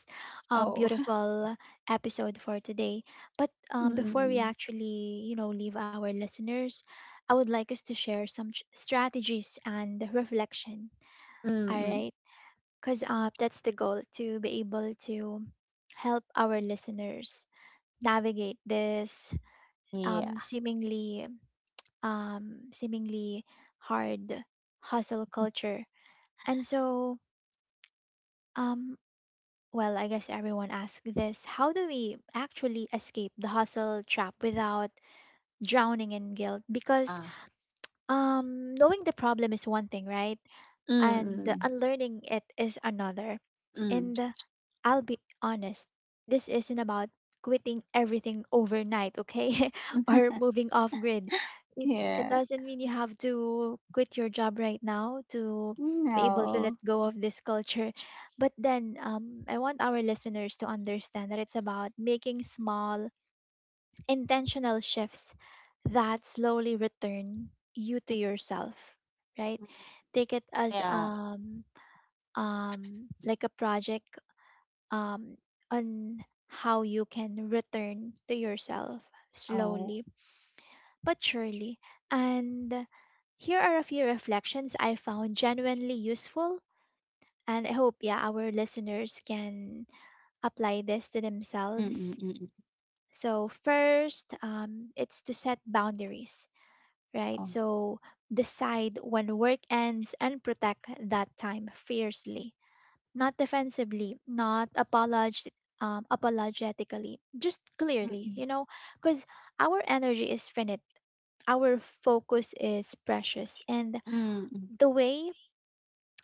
S2: Oh.
S1: beautiful episode for today. But before we
S2: Mm,
S1: actually, you know, leave our listeners, I would like us to share some strategies and reflection.
S2: mm,
S1: All
S2: mm.
S1: right, because that's the goal, to be able to help our listeners navigate this
S2: Yeah.
S1: um, seemingly, seemingly hard hustle culture. And so, um, well, I guess everyone asks this. How do we actually escape the hustle trap without drowning in guilt? Because
S2: Ah.
S1: knowing the problem is one thing, right? And
S2: Mm,
S1: unlearning it is another.
S2: mm,
S1: And I'll be honest, this isn't about quitting everything overnight, okay?
S2: mm.
S1: Or moving off grid. It, it
S2: Yeah.
S1: doesn't mean you have to quit your job right now to be able to let
S2: No.
S1: go of this culture. But then I want our listeners to understand that it's about making small, intentional shifts that slowly return you to
S2: Mm,
S1: yourself, right?
S2: mm, mm.
S1: Take it as
S2: Yeah.
S1: like a project um, on how you can return to yourself
S2: Oh.
S1: slowly but surely. And here are a few reflections I found genuinely useful. And I hope, yeah, our listeners can apply this to
S2: Mm, mm,
S1: themselves.
S2: mm, mm.
S1: So, first, it's to set boundaries, right?
S2: Oh.
S1: So, decide when work ends and protect that time fiercely. Not defensively, not apologetically, just
S2: Mm,
S1: clearly,
S2: mm,
S1: you know, because our energy is finite, our focus is precious, and
S2: mm,
S1: the way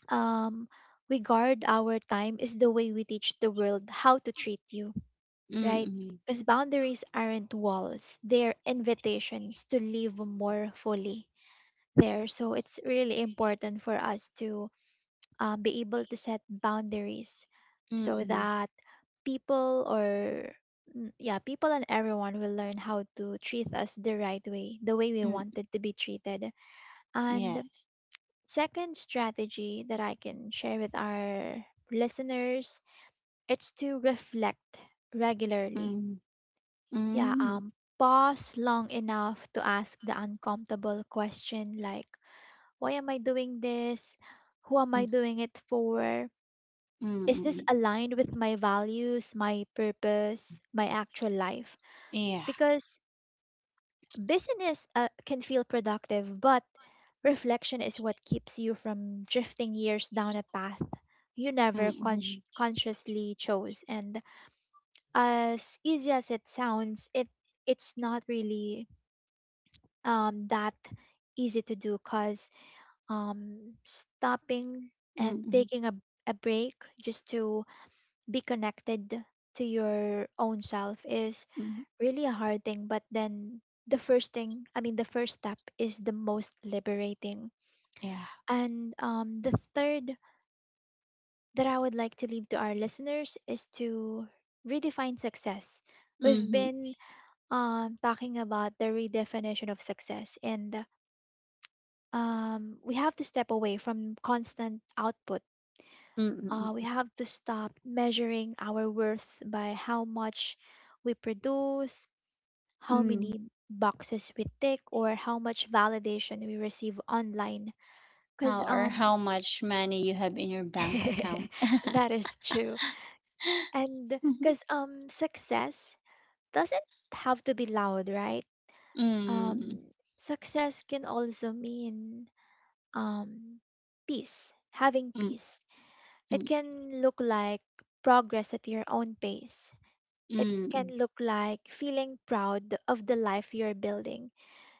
S1: um, we guard our time is the way we teach the world how to treat you,
S2: mm,
S1: right?
S2: mm,
S1: Because boundaries aren't walls, they're invitations to live more fully there. So it's really important for us to be able to set boundaries so
S2: mm,
S1: that people or mm, yeah, people and everyone will learn how to treat us the right way, the way we
S2: mm,
S1: wanted to be treated. And second strategy that I can share with our listeners, it's to reflect regularly.
S2: mm,
S1: Yeah, pause long enough to ask the uncomfortable question like why am I doing this? Who am I doing it for? Is this
S2: mm.
S1: aligned with my values, my purpose, my actual life?
S2: Yes.
S1: Because business can feel productive, but reflection is what keeps you from drifting years down a path you
S2: Mm,
S1: never con-
S2: mm,
S1: consciously chose. And as easy as it sounds, it's not really that easy to do, because stopping
S2: mm,
S1: and
S2: mm,
S1: taking a break just to be connected to your own self is
S2: mm.
S1: really a hard thing, but then the first thing I mean the first step is the most liberating.
S2: Yeah.
S1: And the third that I would like to leave to our listeners is to redefine success. We've
S2: Mm, mm,
S1: been talking about the redefinition of success, and we have to step away from constant output.
S2: mm, mm, mm, yeah. Mhm, mm, mm,
S1: We
S2: mm,
S1: have to stop measuring our worth by how much we produce, how
S2: mm.
S1: many boxes we tick, or how much validation we receive online, because
S2: How or how much money you have in your bank account?
S1: that is true and because success doesn't have to be loud, right?
S2: Mhm. Mm,
S1: um Success can also mean um peace, having
S2: mm,
S1: peace. It
S2: mm,
S1: can look like progress at your own pace. It can
S2: mm,
S1: look like feeling proud of the life you're building,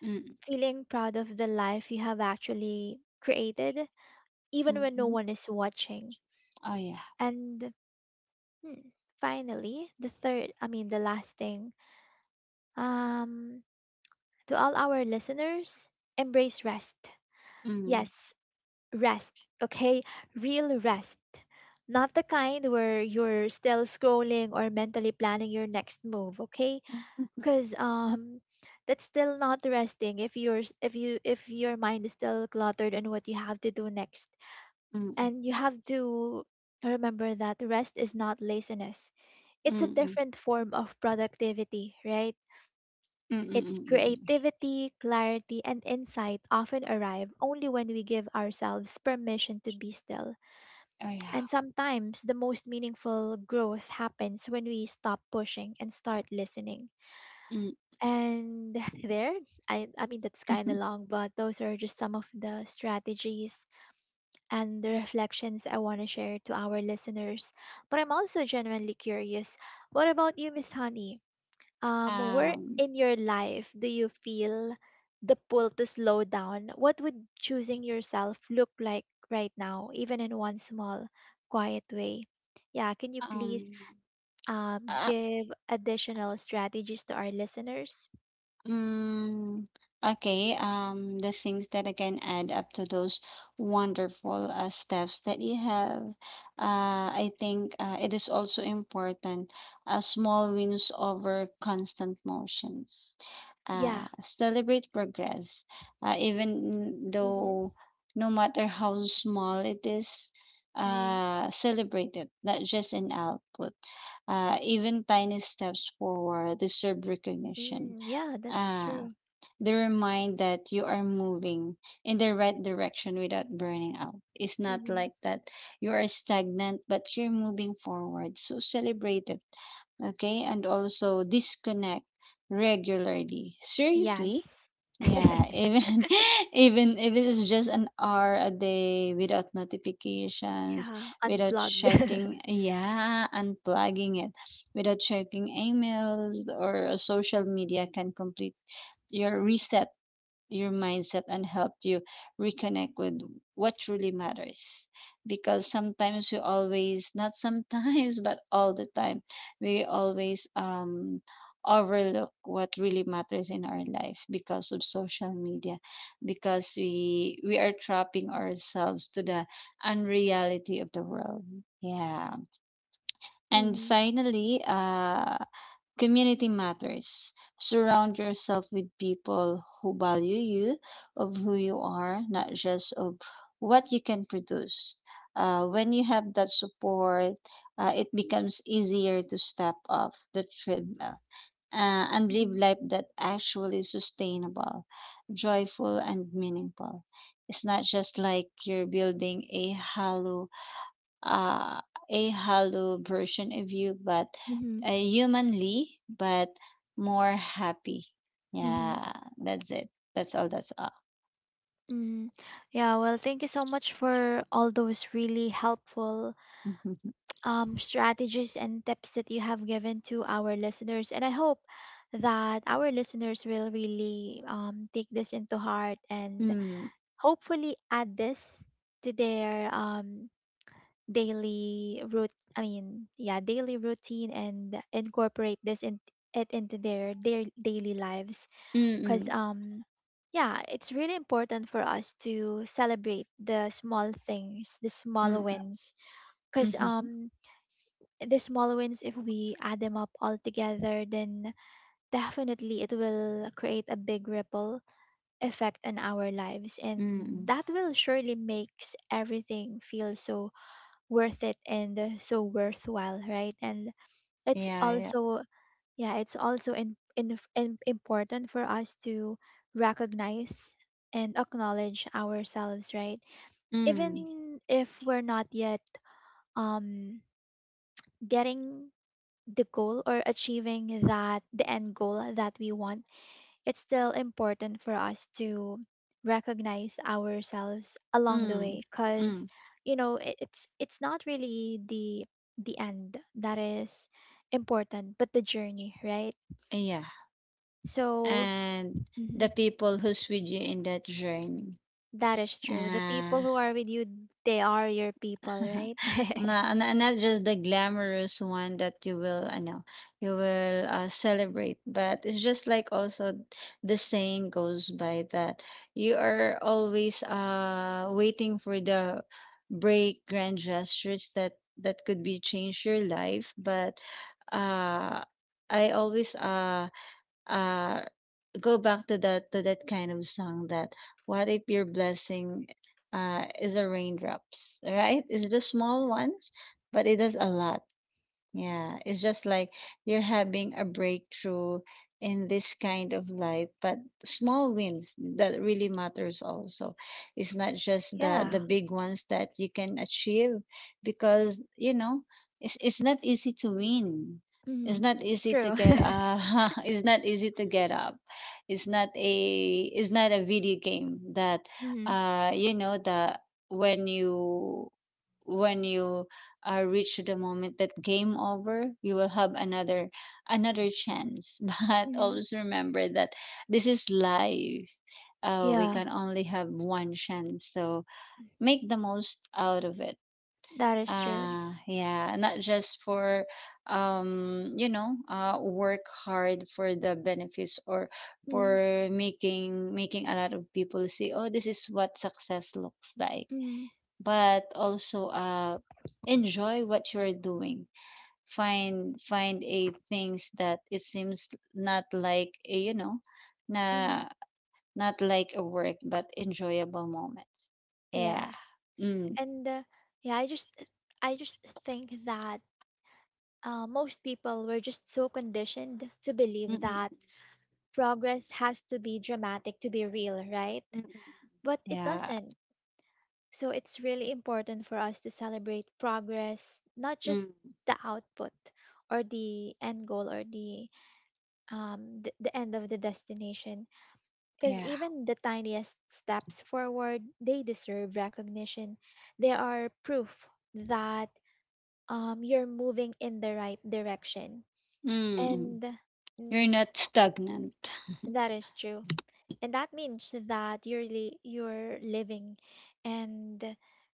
S2: mm,
S1: feeling proud of the life you have actually created,
S2: mm,
S1: even when no
S2: mhm.
S1: one is watching.
S2: Oh yeah.
S1: And hmm, finally, the third, I mean, the last thing, um, to all our listeners, embrace rest. Yes,
S2: Mm,
S1: rest, okay? Real rest. Not the kind where you're still scrolling or mentally planning your next move, okay?
S2: mm, mm,
S1: Because that's still not resting if you if you if your mind is still cluttered on what you have to do next.
S2: mm,
S1: And you have to remember that rest is not laziness. It's a
S2: mm, mm.
S1: different form of productivity, right?
S2: Mm, mm,
S1: It's
S2: mm. Mm, mm. Mm.
S1: creativity, clarity, and insight often arrive only when we give ourselves permission to be still.
S2: Oh, yeah.
S1: And sometimes the most meaningful growth happens when we stop pushing and start listening.
S2: Mm.
S1: And there, I mean, that's kind of long, but those are just some of the strategies and the reflections I want to share to our listeners. But I'm also genuinely curious. What about you, Miss Honey? Where
S2: Um,
S1: in your life do you feel the pull to slow down? What would choosing yourself look like right now, even in one small, quiet way? Yeah, can you please
S2: um,
S1: give additional strategies to our listeners?
S2: Mm, okay. The things that I can add up to those wonderful steps that you have. I think it is also important. Small wins over constant motions.
S1: Yeah.
S2: Celebrate progress, even
S1: Mm-hmm.
S2: though no matter how small it is.
S1: Mm-hmm.
S2: Celebrate it, not just an output. Even tiny steps forward deserve recognition.
S1: Mm, yeah, that's
S2: Ah,
S1: true.
S2: the remind that you are moving in the right direction without burning out. It's not
S1: Mm-hmm.
S2: like that you are stagnant, but you're moving forward. So celebrate it, okay? And also disconnect regularly. Seriously?
S1: Yes.
S2: Yeah, even even if it is just an hour a day without notifications,
S1: Yeah,
S2: without
S1: unplugged.
S2: checking, yeah, unplugging it, without checking emails or social media can completely your reset your mindset and help you reconnect with what truly matters, because sometimes we always, not sometimes, but all the time we always overlook what really matters in our life because of social media, because we are trapping ourselves to the unreality of the world. Yeah. And
S1: Mm-hmm.
S2: finally, community matters. Surround yourself with people who value you, of who you are, not just of what you can produce. When you have that support, it becomes easier to step off the treadmill and live
S1: Mm-hmm.
S2: life that actually sustainable, joyful, and meaningful. It's not just like you're building uh, a hollow version of you, but
S1: Mm-hmm.
S2: humanly, but more happy.
S1: Mm-hmm.
S2: Yeah, that's it. That's all. That's all.
S1: Mm-hmm. Yeah, well, thank you so much for all those really helpful strategies and tips that you have given to our listeners. And I hope that our listeners will really take this into heart and
S2: Mm,
S1: hopefully add this to their daily route. I mean, yeah, daily routine and incorporate this in it into their daily lives.
S2: mm,
S1: Cause
S2: mm,
S1: um yeah, it's really important for us to celebrate the small things, the small
S2: mm,
S1: wins.
S2: mm,
S1: Cause
S2: mm,
S1: um the small wins, if we add them up all together, then definitely it will create a big ripple effect in our lives, and
S2: mm,
S1: that will surely makes everything feel so worth it and so worthwhile, right? And it's
S2: yeah, yeah.
S1: also, yeah, it's also important for us to recognize and acknowledge ourselves, right?
S2: Mm,
S1: Even if we're not yet um getting the goal or achieving that the end goal that we want, it's still important for us to recognize ourselves along the
S2: mm,
S1: way. Because
S2: mm,
S1: you know it's not really the end that is important, but the journey, right?
S2: yeah.
S1: So
S2: And
S1: mm-hmm.
S2: the people who's with you in that journey.
S1: That is true. The people
S2: Uh,
S1: who are with you, they are your people, right?
S2: Na na not just the glamorous one that you will, I know you will, celebrate, but it's just like also the saying goes by that you are always, waiting for the break grand gestures that could be change your life, but, uh, I always, uh go back to that kind of song that what if your blessing is a raindrops, right? Is it a small ones, but it does a lot. Yeah, it's just like you're having a breakthrough in this kind of life, but small wins that really matters also. It's not just the
S1: yeah.
S2: the big ones that you can achieve because, you know, it's not easy to win.
S1: Hmm.
S2: It's not easy to
S1: True.
S2: get it's not easy to get up. It's not a it's not a video game that
S1: hmm.
S2: you know the when you when you reach the moment that game over, you will have another another chance. But
S1: Hmm.
S2: always remember that this is life. We
S1: Yeah,
S2: can only have one chance, so make the most out of it.
S1: that is true.
S2: Yeah, not just for you know, work hard for the benefits or
S1: Hmm.
S2: for making a lot of people say, oh, this is what success looks like.
S1: Hmm.
S2: But also, enjoy what you're doing. Find a things that it seems not like a, you know,
S1: Hmm.
S2: na not like a work but enjoyable moment. Yeah.
S1: Yes.
S2: Mm,
S1: And yeah, I just think that most people were just so conditioned to
S2: mm,
S1: believe
S2: mm,
S1: that progress has to be dramatic to be real, right?
S2: mm, mm,
S1: But it
S2: yeah.
S1: doesn't. So it's really important for us to celebrate progress, not just
S2: Mm,
S1: the output or the end goal or the the end of the destination. Because
S2: yeah.
S1: even the tiniest steps forward, they deserve recognition. They are proof that you're moving in the right direction.
S2: Mm. Mm.
S1: And
S2: You're
S1: mm,
S2: not stagnant.
S1: that is true. And that means that you're really you're living and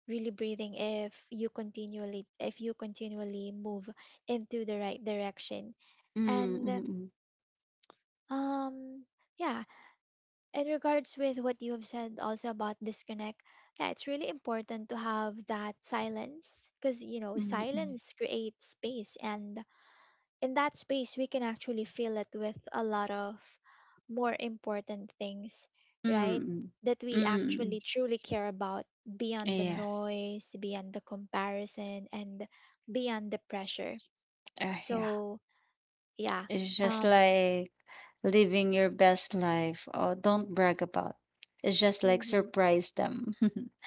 S1: really breathing if you continually move into the right direction.
S2: Mm,
S1: And
S2: mm,
S1: um yeah, in regards with what you have said also about disconnect, yeah, it's really important to have that silence. Because you know,
S2: mm, mm,
S1: silence creates space, and in that space we can actually fill it with a lot of more important things,
S2: mm,
S1: right?
S2: mm.
S1: That
S2: Mm.
S1: we
S2: Mm.
S1: actually truly care about, beyond the
S2: Yeah.
S1: noise, beyond the comparison, and beyond the pressure.
S2: Yeah,
S1: So yeah.
S2: it's just
S1: um
S2: like living your best life. Oh, don't brag about. It's just like
S1: mhm.
S2: surprise them.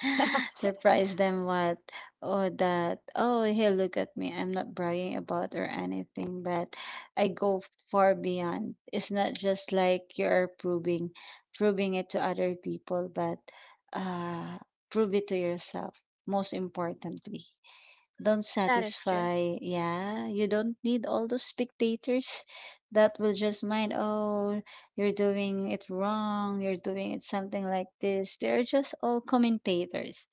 S2: Surprise them what? Oh, that. Oh, hey, look at me. I'm not bragging about or anything, but I go far beyond. It's not just like you're proving, proving it to other people, but uh, prove it to yourself. Most importantly. Don't
S1: that is true.
S2: satisfy. Yeah, you don't need all those spectators that will just mind, oh, you're doing it wrong, you're doing it something like this. They're just all commentators,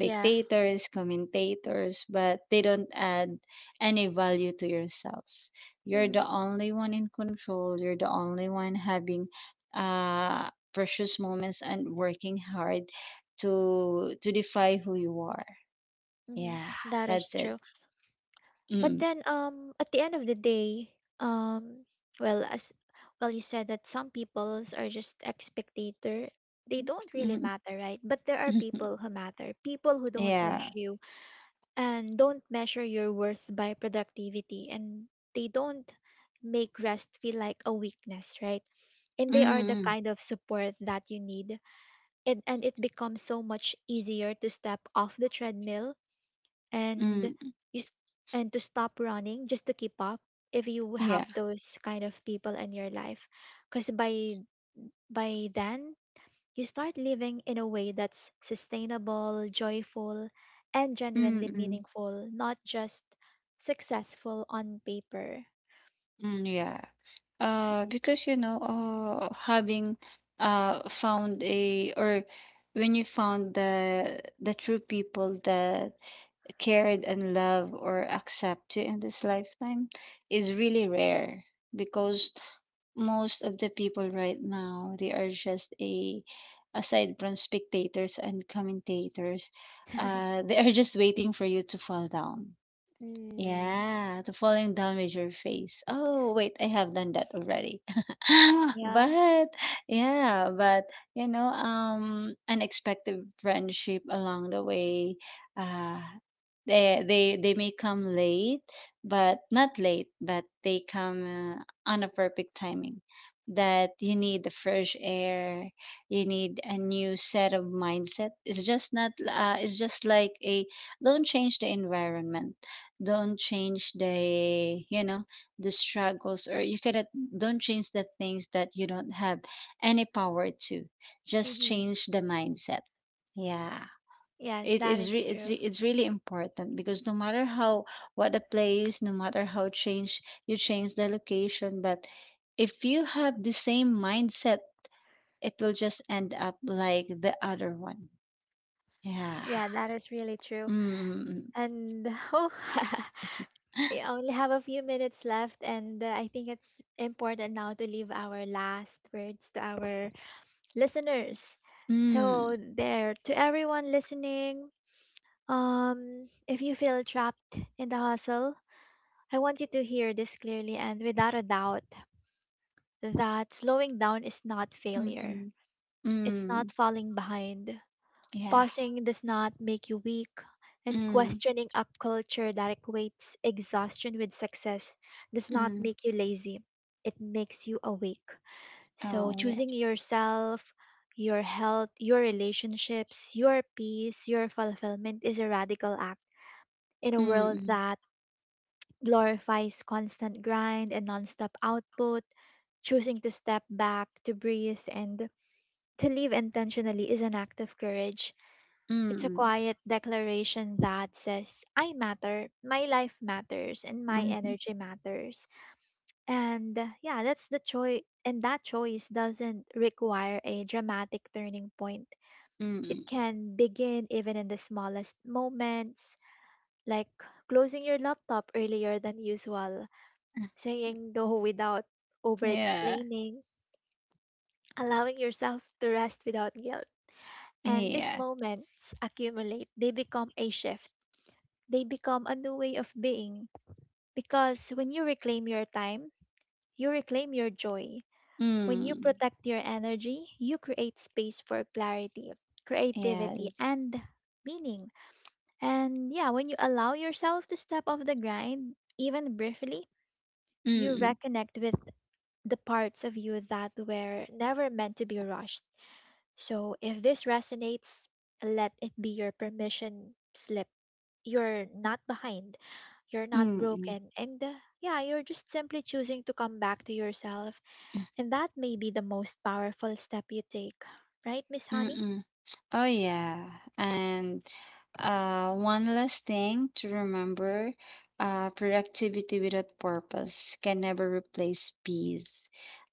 S1: Yeah.
S2: commentators, but they don't add any value to yourselves. You're
S1: Hmm.
S2: the only one in control, you're the only one having precious moments and working hard to defy who you are.
S1: Hmm.
S2: Yeah,
S1: That is
S2: that's it.
S1: true. But
S2: Mm.
S1: then, at the end of the day, um, well, as well, you said that some peoples are just spectator. They don't really
S2: Mm,
S1: matter, right? But there are
S2: mhm.
S1: people who matter. People who don't
S2: Yeah.
S1: rush you and don't measure your worth by productivity, and they don't make rest feel like a weakness, right? And they are the
S2: Mm,
S1: kind of support that you need. And it becomes so much easier to step off the treadmill and
S2: mm,
S1: you s- and to stop running just to keep up if you
S2: yeah.
S1: have those kind of people in your life. Because by then you start living in a way that's sustainable, joyful, and
S2: Mm,
S1: genuinely
S2: mm,
S1: meaningful, not just successful on paper.
S2: mm, yeah. Because you know, having found a or when you found the true people that cared and love or accept you in this lifetime is really rare, because most of the people right now they are just a, aside from spectators and commentators, they are just waiting for you to fall down.
S1: Mm,
S2: Yeah, the falling down with your face. Oh, wait, I have done that already.
S1: yeah.
S2: But yeah, but you know, unexpected friendship along the way. Uh, they may come late, but not late, but they come on a perfect timing. That you need the fresh air, you need a new set of mindset. It's just not. It's just like a don't change the environment, don't change the you know the struggles or you cannot, don't change the things that you don't have any power to, just
S1: Hmm.
S2: change the mindset. Yeah.
S1: Yes,
S2: it
S1: that
S2: is
S1: is
S2: re- it's
S1: true.
S2: re- it's really important because no matter how what the place, no matter how change, you change the location, but if you have the same mindset, it will just end up like the other one. Yeah.
S1: Yeah, that is really true.
S2: Mm.
S1: And oh.
S2: Mm.
S1: We only have a few minutes left, and I think it's important now to leave our last words to our listeners. So,
S2: Mm.
S1: there, to everyone listening, if you feel trapped in the hustle, I want you to hear this clearly and without a doubt that slowing down is not
S2: Mm.
S1: failure,
S2: Mm.
S1: it's
S2: Mm.
S1: not falling behind.
S2: Yeah.
S1: Pausing does not make you weak, and
S2: Ừm,
S1: questioning a culture that equates exhaustion with success does not
S2: ừm.
S1: make you lazy. It makes you awake. So,
S2: Oh, yeah.
S1: choosing yourself, your health, your relationships, your peace, your fulfillment is a radical act. In a world
S2: Mm,
S1: that glorifies constant grind and nonstop output, choosing to step back, to breathe, and to live intentionally is an act of courage.
S2: mm,
S1: It's a
S2: mm,
S1: quiet declaration that says, I matter, my life matters, and my
S2: mhm,
S1: energy matters. And yeah, that's the choice. And that choice doesn't require a dramatic turning point. It
S2: mm.
S1: can begin even in the smallest moments, like closing your laptop earlier than usual,
S2: Uh,
S1: saying no without over
S2: yeah,
S1: explaining, allowing yourself to rest without guilt. And these
S2: yeah.
S1: moments accumulate, they become a shift, they become a new way of being. Because when you reclaim your time, you reclaim your joy. When you
S2: Mm,
S1: protect your energy, you create space for clarity, creativity,
S2: yes.
S1: and meaning. And yeah, when you allow yourself to step off the grind, even briefly, you
S2: Mm,
S1: reconnect with the parts of you that were never meant to be rushed. So if this resonates, let it be your permission slip. You're not behind. You're
S2: mm,
S1: not
S2: mm, mm.
S1: broken. And yeah, you're just simply choosing to come back to yourself. And that may be the most powerful step you take. Right, Miss Honey?
S2: Mm. Oh yeah, and one last thing to remember: productivity without purpose can never replace peace.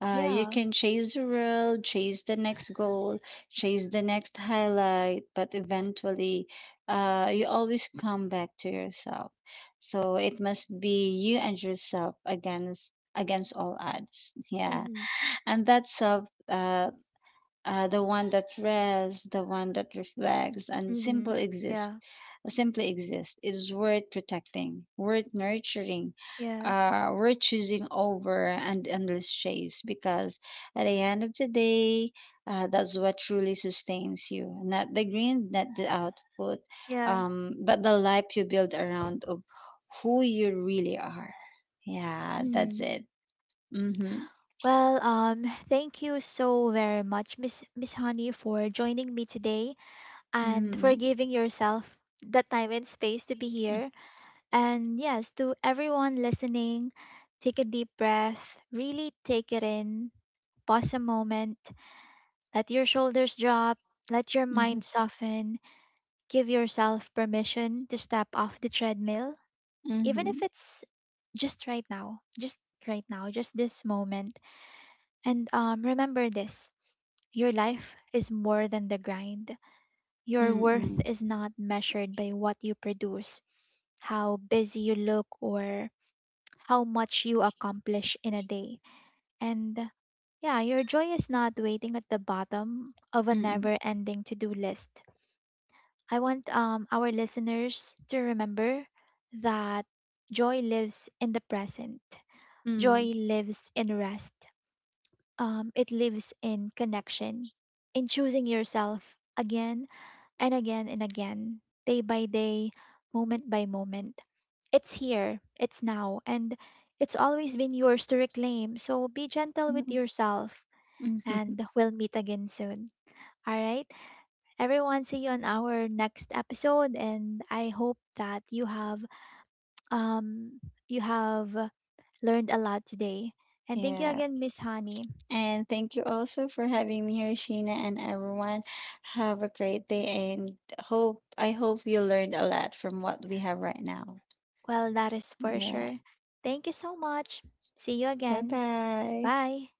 S2: You
S1: Yeah.
S2: can chase the world, chase the next goal, chase the next highlight, but eventually, you always come back to yourself. So it must be you and yourself against all odds. Yeah,
S1: Mm-hmm.
S2: and that self uh, the one that rests, the one that reflects, and
S1: Mm-hmm.
S2: simple exist,
S1: Yeah.
S2: simply exist is worth protecting, worth nurturing,
S1: Yes.
S2: worth choosing over and endless chase. Because at the end of the day, that's what truly sustains you, not the green, not the output,
S1: Yeah.
S2: but the life you build around of who you really are. Yeah, that's
S1: Mm.
S2: it. Mm-hmm.
S1: Well, thank you so very much, Miss Honey, for joining me today and for
S2: Mm-hmm.
S1: giving yourself the time and space to be
S2: Mm-hmm.
S1: here. And yes, to everyone listening, take a deep breath, really take it in. Pause a moment, let your shoulders drop, let your
S2: Mm-hmm.
S1: mind soften, give yourself permission to step off the treadmill, even
S2: Mm-hmm.
S1: if it's just right now, just right now, just this moment. And remember this, your life is more than the grind. Your worth
S2: Mm-hmm.
S1: is not measured by what you produce, how busy you look, or how much you accomplish in a day. And yeah, your joy is not waiting at the bottom of a
S2: Mm,
S1: never-ending to-do list. I want our listeners to remember that joy lives in the present.
S2: mm,
S1: Joy lives in rest. It lives in connection, in choosing yourself again and again and again, day by day, moment by moment. It's here, it's now, and it's always been yours to reclaim. So be gentle with
S2: mm,
S1: yourself
S2: mhm.
S1: and we'll meet again soon. All right, everyone, see you on our next episode, and I hope that you have um you have learned a lot today. And thank you
S2: Yeah.
S1: again, Miss Honey.
S2: And thank you also for having me here, Sheena, and everyone. Have a great day, and hope I hope you learned a lot from what we have right now.
S1: Well, that is for
S2: Yeah.
S1: sure. Thank you so much. See you
S2: Bye
S1: again.
S2: bye.
S1: Bye.